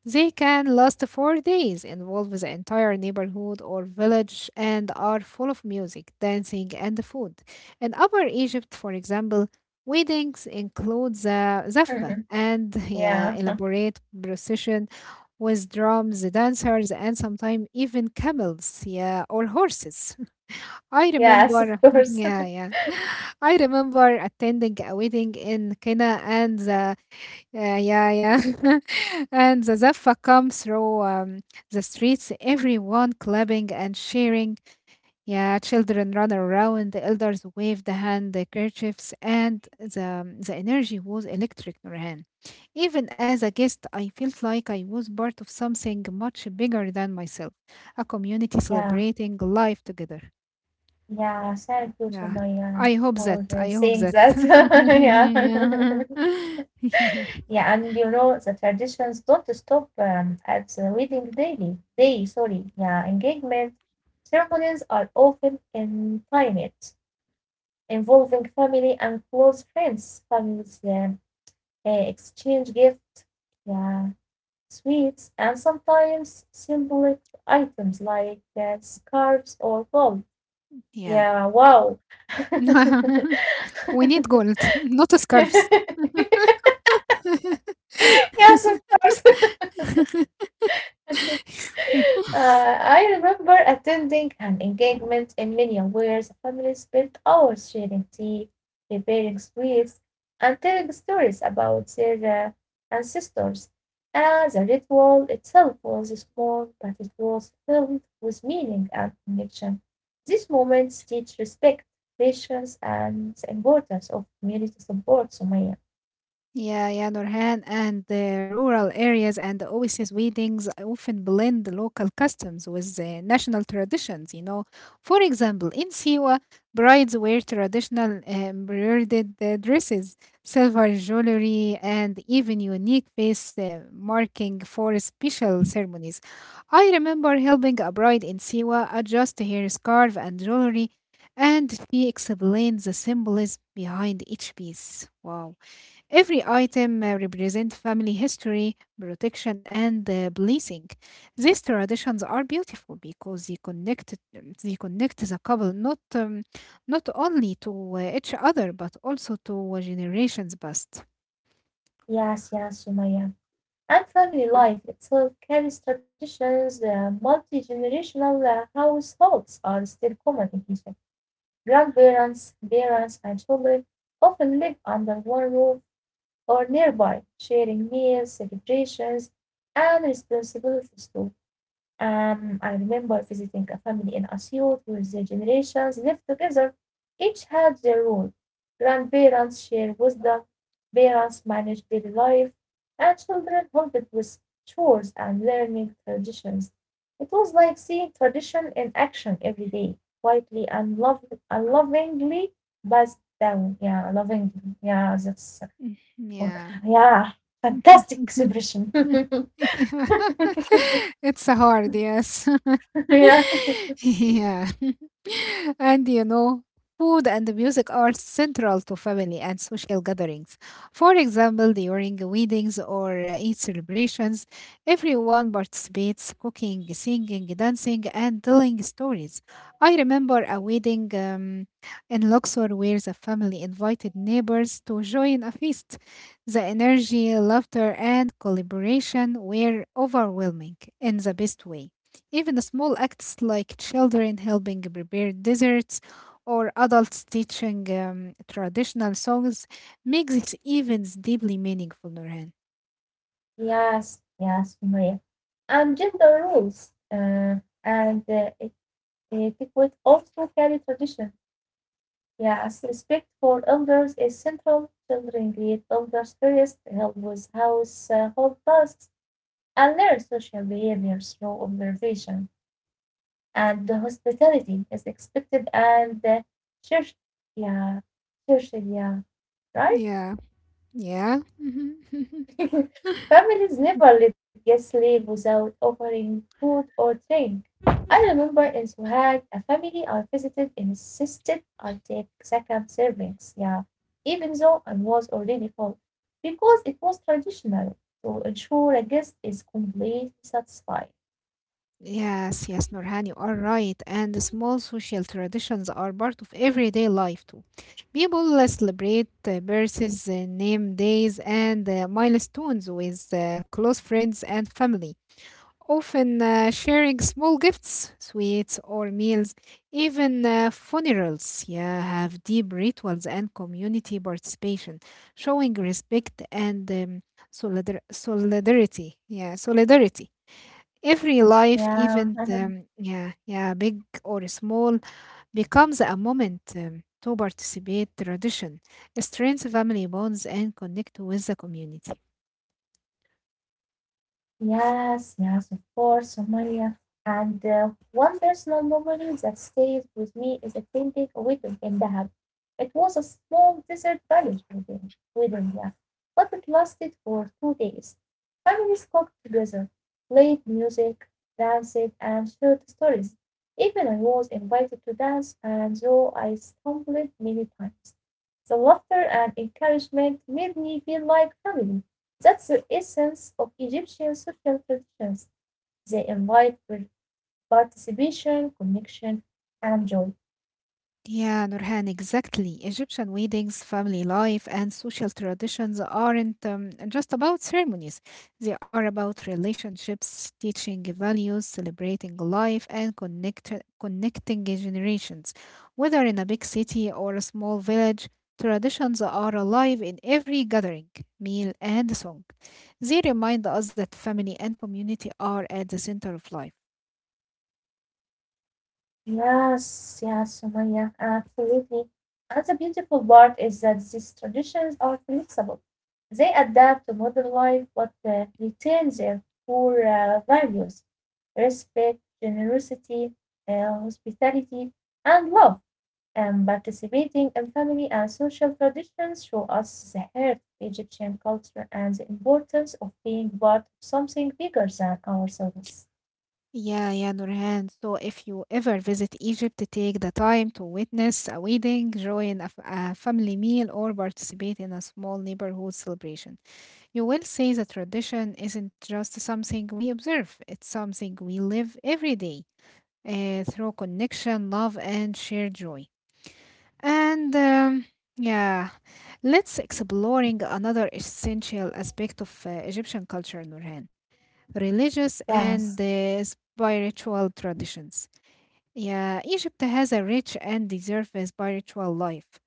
Speaker 1: They can last four days, involve the entire neighborhood or village, and are full of music, dancing, and food. In Upper Egypt, for example, weddings include the zaffa and, yeah,
Speaker 2: Yeah.
Speaker 1: elaborate procession with drums, dancers, and sometimes even camels, yeah, or horses. I
Speaker 2: Yes, of
Speaker 1: remember,
Speaker 2: course.
Speaker 1: yeah, yeah. I remember attending a wedding in Kenya, and the yeah, yeah, yeah, and the Zaffa come through um, the streets, everyone clapping and cheering. Yeah, children run around, the elders wave the handkerchiefs, and the um, the energy was electric, Nurhan. Even as a guest, I felt like I was part of something much bigger than myself, a community
Speaker 2: Yeah,
Speaker 1: celebrating life together.
Speaker 2: yeah. Thank you so
Speaker 1: Yeah.
Speaker 2: much, yeah,
Speaker 1: I hope that.
Speaker 2: for uh,
Speaker 1: I hope
Speaker 2: saying
Speaker 1: that.
Speaker 2: that. Yeah.
Speaker 1: Yeah. Yeah.
Speaker 2: Yeah. And you know the traditions don't stop um, at the wedding daily day. Sorry, yeah. Engagement ceremonies are often intimate, involving family and close friends. Families um, uh, exchange gifts, yeah, sweets, and sometimes symbolic items like uh, scarves or gold.
Speaker 1: Yeah.
Speaker 2: Yeah, wow.
Speaker 1: We need gold, not scarves.
Speaker 2: Yes, of course. Uh, I remember attending an engagement in Minya where the family spent hours sharing tea, preparing sweets, and telling stories about their uh, ancestors. And the ritual itself was small, but it was filled with meaning and connection. These moments teach respect, patience, and the importance of community support, Sumaya.
Speaker 1: Yeah, yeah, Nurhan, and the rural areas and the oasis weddings often blend the local customs with the national traditions, you know. For example, in Siwa, brides wear traditional uh, embroidered uh, dresses, silver jewelry, and even unique face uh, marking for special ceremonies. I remember helping a bride in Siwa adjust her scarf and jewelry, and she explained the symbolism behind each piece. Wow. Every item uh, represents family history, protection, and uh, blessing. These traditions are beautiful because they connect they connect the couple not um, not only to uh, each other but also to uh, generations past.
Speaker 2: Yes, yes, Sumaya. And family life itself carries traditions. Uh, Multi generational uh, households are still common in Egypt. Grandparents, parents, and children often live under one roof or nearby, sharing meals, celebrations, and responsibilities too. Um, I remember visiting a family in Asyut with their generations lived together. Each had their role. Grandparents share wisdom, parents manage daily life, and children help it with chores and learning traditions. It was like seeing tradition in action every day, quietly and, lov- and lovingly passed down. Yeah, lovingly. Yeah, that's,
Speaker 1: Mhm. Yeah.
Speaker 2: yeah, fantastic expression.
Speaker 1: Yeah. It's a hard, yes.
Speaker 2: Yeah.
Speaker 1: Yeah. and you know, Food and music are central to family and social gatherings. For example, during weddings or uh, Eid celebrations, everyone participates cooking, singing, dancing, and telling stories. I remember a wedding um, in Luxor where the family invited neighbors to join a feast. The energy, laughter, and collaboration were overwhelming in the best way. Even small acts like children helping prepare desserts or adults teaching um, traditional songs make these events deeply meaningful, Nurhan.
Speaker 2: Yes, yes, Maria. And gender roles, uh, and uh, it, it could also carry tradition. Yes, respect for elders is central. Children greet elders first, help with household tasks, and learn social behavior through observation. And the hospitality is expected and uh, church, yeah, church, yeah, right?
Speaker 1: Yeah, yeah. Mhm.
Speaker 2: Families never let guests leave without offering food or drink. I remember in Sohag a family I visited insisted I take second servings, yeah, even though I was already full, because it was traditional to ensure a guest is completely satisfied.
Speaker 1: Yes, yes, Nurhan, you are right. And the small social traditions are part of everyday life too. People uh, celebrate uh, birthdays, uh, name days, and uh, milestones with uh, close friends and family, often uh, sharing small gifts, sweets, or meals. Even uh, funerals, yeah, have deep rituals and community participation, showing respect and um, solidar- solidarity. Yeah, solidarity. Every life,
Speaker 2: Yeah.
Speaker 1: even um, yeah, yeah, big or small, becomes a moment um, to participate tradition, strengthen family bonds, and connect with the community.
Speaker 2: Yes, yes, of course, Somalia. And uh, one personal memory that stays with me is attending a wedding in Dahab. It was a small desert village wedding, wedding yeah, but it lasted for two days. Families cooked together, played music, danced, and shared stories. Even I was invited to dance, and though I stumbled many times, the laughter and encouragement made me feel like family. That's the essence of Egyptian social traditions. They invite par- participation, connection, and joy.
Speaker 1: Yeah, Nurhan, exactly. Egyptian weddings, family life, and social traditions aren't um, just about ceremonies. They are about relationships, teaching values, celebrating life, and connect- connecting generations. Whether in a big city or a small village, traditions are alive in every gathering, meal, and song. They remind us that family and community are at the center of life.
Speaker 2: Yes, yes, Sumaya, absolutely. And the beautiful part is that these traditions are flexible. They adapt to modern life but uh, retain their core uh, values: respect, generosity, uh, hospitality, and love. And participating in family and social traditions show us the heart of Egyptian culture and the importance of being part of something bigger than ourselves.
Speaker 1: Yeah, yeah, Nurhan. So if you ever visit Egypt, take the time to witness a wedding, join a, f- a family meal, or participate in a small neighborhood celebration. You will see the tradition isn't just something we observe, it's something we live every day, uh, through connection, love, and shared joy. And um, yeah, let's exploring another essential aspect of uh, Egyptian culture, Nurhan: religious and
Speaker 2: Yes.
Speaker 1: uh, spiritual traditions. Yeah, Egypt has a rich and diverse spiritual life,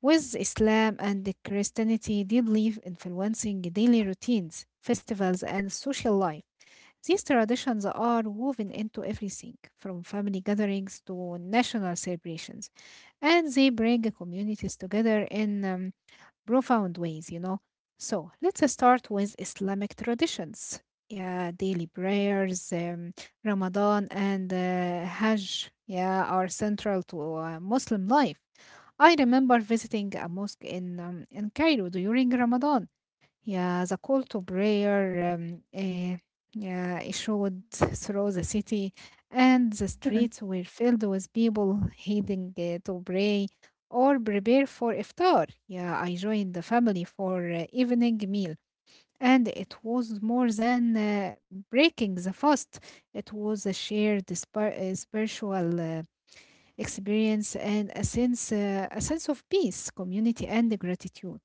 Speaker 1: with Islam and the Christianity deeply influencing daily routines, festivals, and social life. These traditions are woven into everything, from family gatherings to national celebrations, and they bring communities together in um, profound ways, you know. So let's start with Islamic traditions. Yeah, daily prayers, um, Ramadan, and uh, Hajj, yeah, are central to uh, Muslim life. I remember visiting a mosque in um, in Cairo during Ramadan, yeah, the call to prayer um, eh, yeah, issued through the city, and the streets were filled with people heading eh, to pray or prepare for iftar. Yeah, I joined the family for uh, evening meal, and it was more than uh, breaking the fast. It was a shared spir- eh, spiritual uh, experience and a sense, uh, a sense of peace, community, and gratitude.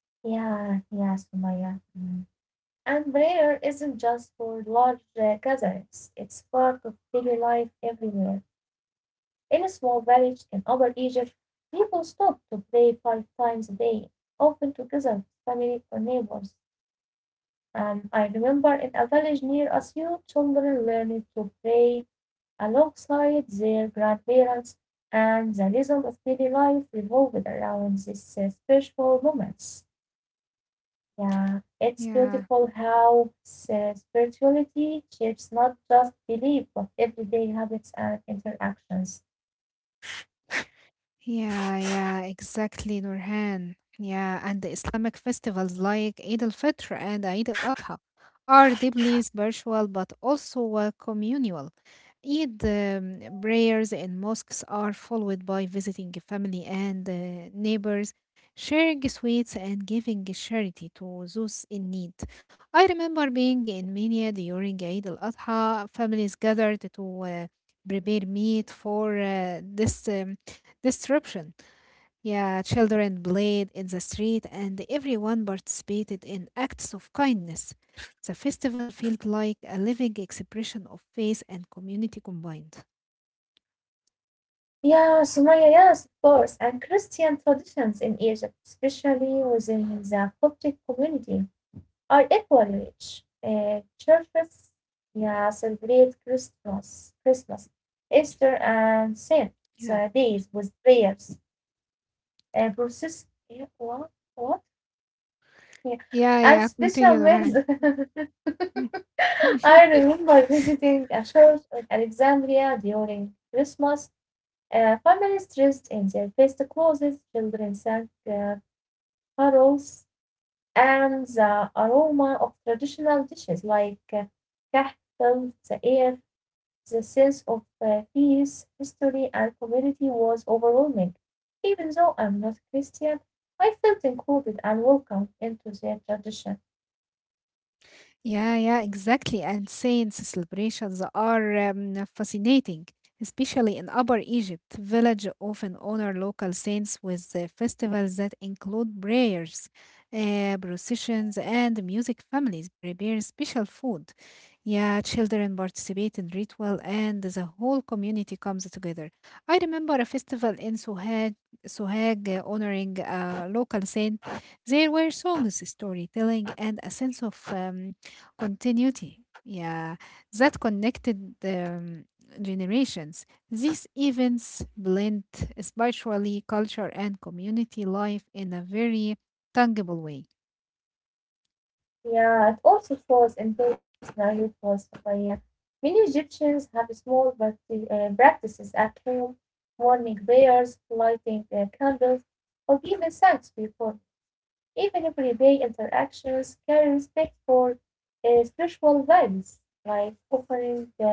Speaker 2: Yeah, yes, Maya. Mm. And prayer isn't just for large uh, gatherings, it's part of daily life everywhere. In a small village in Upper Egypt, people stop to pray five times a day, often together with family or neighbors. Um, I remember in a village near us, young children learned to play alongside their grandparents, and the rhythm of daily life revolved around these uh, spiritual moments. Yeah, it's
Speaker 1: Yeah.
Speaker 2: beautiful how s- uh, spirituality shapes not just belief, but everyday habits and interactions.
Speaker 1: Yeah, yeah, exactly, Nurhan. Yeah, and the Islamic festivals like Eid al-Fitr and Eid al-Adha are deeply spiritual but also uh, communal. Eid um, prayers in mosques are followed by visiting family and uh, neighbors, sharing sweets, and giving charity to those in need. I remember being in Mania during Eid al Adha. Families gathered to uh, prepare meat for uh, this um, disruption. Yeah, children played in the street and everyone participated in acts of kindness. The festival felt like a living expression of faith and community combined.
Speaker 2: Yeah, Sumaya, yes, of course, and Christian traditions in Egypt, especially within the Coptic community, are equally rich. Uh, churches, yeah, celebrate Christmas, Christmas, Easter, and Saint uh,
Speaker 1: Yeah.
Speaker 2: days with prayers, uh, process, yeah, what, what, yeah,
Speaker 1: Yeah,
Speaker 2: and
Speaker 1: yeah.
Speaker 2: special
Speaker 1: Continue,
Speaker 2: meals.
Speaker 1: Nurhan.
Speaker 2: I remember visiting a church in Alexandria during Christmas. Uh, families dressed in their best clothes, children sang uh, carols, and the aroma of traditional dishes like uh, kah filled the air. The sense of uh, peace, history, and community was overwhelming. Even though I'm not Christian, I felt included and welcomed into their tradition.
Speaker 1: Yeah, yeah, exactly. And saints celebrations are um, fascinating, especially in Upper Egypt. Village often honor local saints with uh, festivals that include prayers, uh, processions, and music. Families prepare special food. Yeah, children participate in ritual, and the whole community comes together. I remember a festival in Sohag, Sohag uh, honoring a local saint. There were songs, storytelling, and a sense of um, continuity. Yeah, that connected um, generations. These events blend spiritually culture and community life in a very tangible way.
Speaker 2: Yeah, it also falls in personality was Sophia. Many Egyptians have small practi- uh, practices at home, morning prayers, lighting uh, candles, or even thanks before. Even everyday interactions carry respect for uh, spiritual values, like offering uh,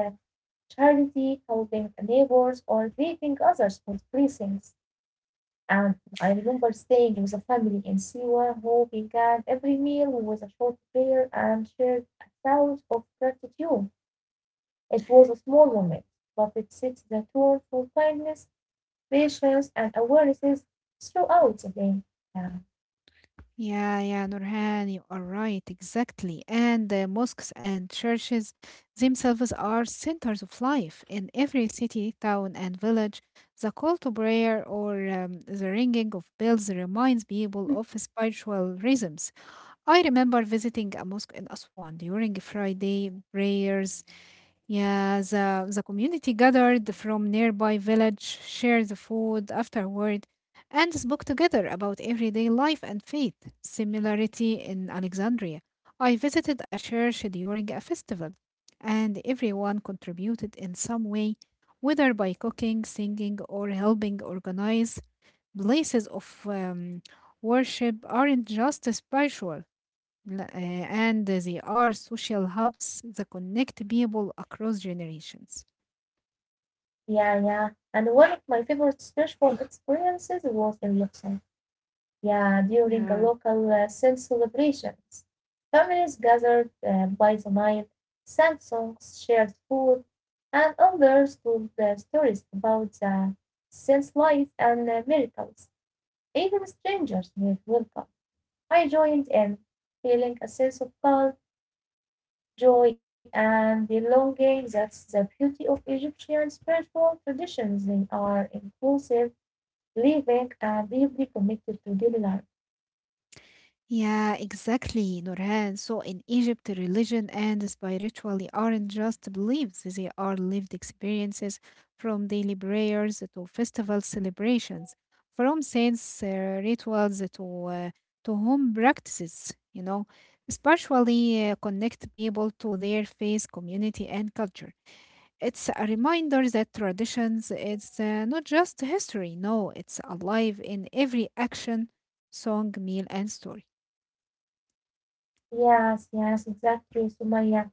Speaker 2: charity, helping neighbors, or greeting others with blessings. And I remember staying with a family in Siwa who began every meal with a short prayer and shared a shout of gratitude. It was a small moment, but it set the tone for kindness, patience, and awarenesses throughout the day. Yeah. Hmm.
Speaker 1: Yeah, yeah, Nurhan, you are right, exactly. And the mosques and churches themselves are centers of life in every city, town, and village. The call to prayer or um, the ringing of bells reminds people of spiritual rhythms. I remember visiting a mosque in Aswan during Friday prayers. Yeah, the, the community gathered from nearby village, shared the food afterward, and spoke together about everyday life and faith. Similarity in Alexandria. I visited a church during a festival, and everyone contributed in some way, whether by cooking, singing, or helping organize. Places of um, worship aren't just spiritual, La- uh, and they are social hubs that connect people across generations.
Speaker 2: Yeah, yeah. And one of my favorite spiritual experiences was in Luxor. Yeah, during a
Speaker 1: Yeah.
Speaker 2: local uh, Saint celebrations. Families gathered uh, by the Nile, sang songs, shared food, and others told uh, stories about the Saint's life and uh, miracles. Even strangers were welcome. I joined in, feeling a sense of calm, joy, and belonging. That's the beauty of Egyptian spiritual traditions. They are inclusive. Living are deeply connected to daily life.
Speaker 1: Yeah, exactly, Nurhan. So in Egypt, religion and spirituality aren't just beliefs, they are lived experiences, from daily prayers to festival celebrations, from saints' uh, rituals to, uh, to home practices, you know. Spiritually uh, connect people to their faith, community, and culture. It's a reminder that traditions is uh, not just history. No, it's alive in every action, song, meal, and story.
Speaker 2: Yes, yes, exactly, Sumaya.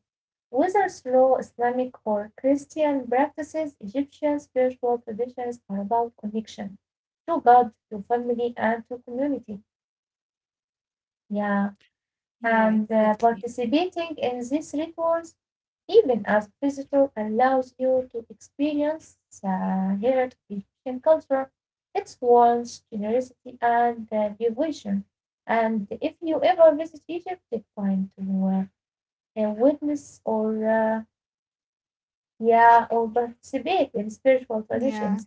Speaker 2: Whether through Islamic or Christian practices, Egyptian spiritual traditions are about connection to God, to family, and to community. Yeah.
Speaker 1: Yeah,
Speaker 2: and uh,
Speaker 1: exactly.
Speaker 2: participating in these rituals, even as visitor, allows you to experience the heritage of Egyptian culture, its warmth, generosity, and uh, devotion. And if you ever visit Egypt, take time to uh, uh, witness or uh, yeah or participate in spiritual traditions,
Speaker 1: Yeah,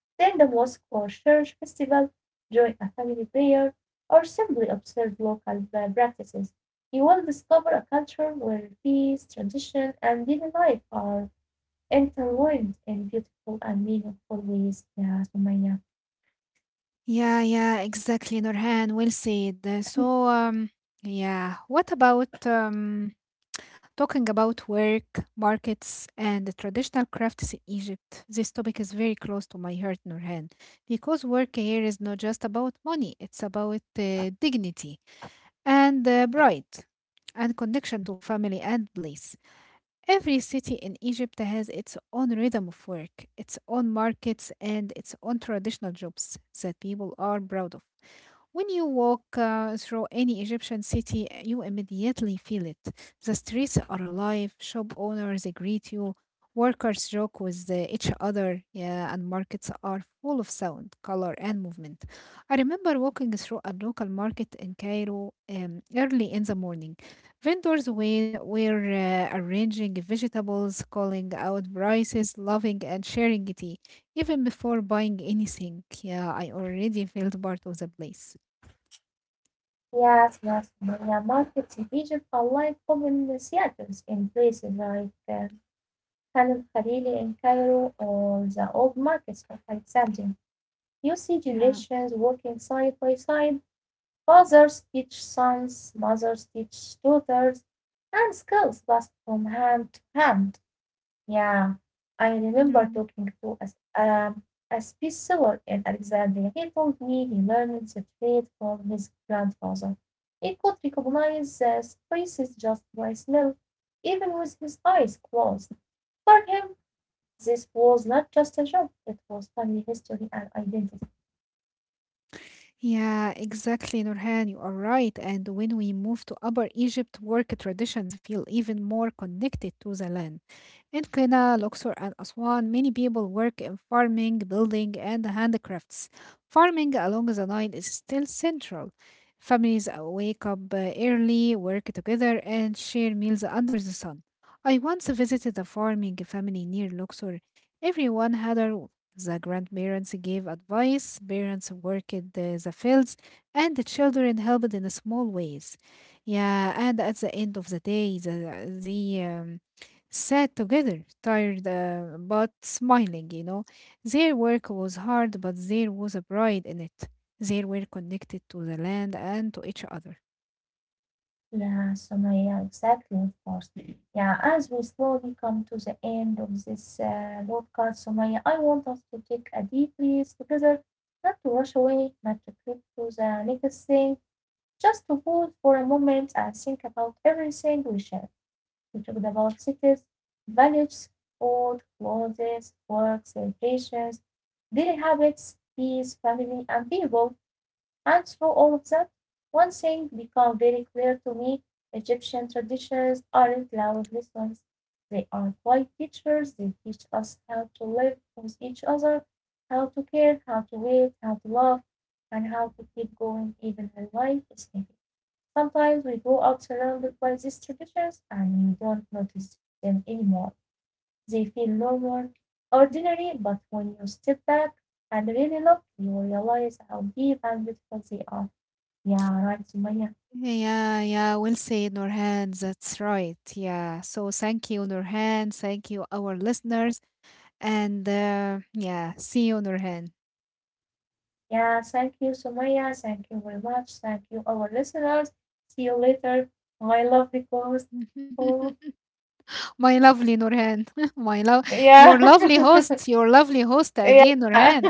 Speaker 2: then the Moscow Church Festival, join a family prayer, or simply observe local pra- practices. You will discover a culture where peace, tradition, and daily life are intertwined in beautiful and meaningful ways. Yes, Maya.
Speaker 1: yeah, yeah, exactly. Nurhan, well said. Uh, So, um, yeah, what about um, talking about work, markets, and the traditional crafts in Egypt? This topic is very close to my heart, Nurhan, because work here is not just about money; it's about uh, dignity and uh, pride and connection to family and place. Every city in Egypt has its own rhythm of work, its own markets, and its own traditional jobs that people are proud of. When you walk uh, through any Egyptian city, you immediately feel it. The streets are alive, shop owners greet you, workers joke with uh, each other, yeah, and markets are full of sound, color, and movement. I remember walking through a local market in Cairo um, early in the morning. Vendors were, were uh, arranging vegetables, calling out prices, loving and sharing tea. Even before buying anything, yeah, I already felt part of the place.
Speaker 2: Yes, yes, Maya. Markets in Egypt are like open theaters in places like uh, Khan al Khalili in Cairo or the old markets of Alexandria. You see
Speaker 1: Yeah.
Speaker 2: generations working side by side. Fathers teach sons, mothers teach daughters, and skills pass from hand to hand. Yeah, I remember
Speaker 1: No.
Speaker 2: talking to a, um, a spice seller in Alexandria. He told me he learned the trade from his grandfather. He could recognize the spices just by smell, even with his eyes closed. For him, this was not just a job, it was family history and identity.
Speaker 1: Yeah, exactly, Nurhan. You are right. And when we move to Upper Egypt, work traditions feel even more connected to the land. In Qina, Luxor, and Aswan, many people work in farming, building, and handicrafts. Farming along the Nile is still central. Families uh, wake up uh, early, work together, and share meals under the sun. I once visited a farming family near Luxor. Everyone had a the grandparents gave advice, parents worked the, the fields, and the children helped in small ways. Yeah, and at the end of the day, the, the um, sat together, tired uh, but smiling, you know. Their work was hard, but there was a pride in it. They were connected to the land and to each other.
Speaker 2: Yeah, Sumaya, exactly, of course. Yeah, as we slowly come to the end of this uh, podcast, Sumaya, I want us to take a deep breath together, not to rush away, not to click to the next thing, just to pause for a moment and think about everything we shared. We talked about cities, values, food, clothes, work, celebrations, daily habits, peace, family, and people. And through all of that, one thing became very clear to me: Egyptian traditions aren't loud lessons. They are quiet teachers. They teach us how to live with each other, how to care, how to wait, how to love, and how to keep going even when life is heavy. Sometimes we grow up surrounded by these traditions and we don't notice them anymore. They feel normal, ordinary, but when you step back and really look, you realize how deep and beautiful they are. Yeah, right, Sumaya.
Speaker 1: Yeah, yeah, well said, Nurhan. That's right. Yeah. So thank you, Nurhan. Thank you, our listeners. And uh, yeah, see you, Nurhan.
Speaker 2: Yeah, thank you, Sumaya. Thank you very much. Thank you, our listeners. See you later, my lovely host. Oh,
Speaker 1: My lovely Nurhan. My love,
Speaker 2: yeah.
Speaker 1: your lovely host, your lovely host
Speaker 2: Yeah.
Speaker 1: again, Nurhan.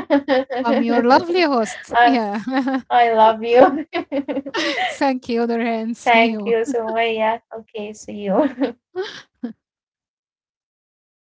Speaker 1: I'm your lovely host. Yeah.
Speaker 2: I love you.
Speaker 1: Thank you, Nurhan. See
Speaker 2: Thank
Speaker 1: you.
Speaker 2: you, Sumaya. Okay, see you.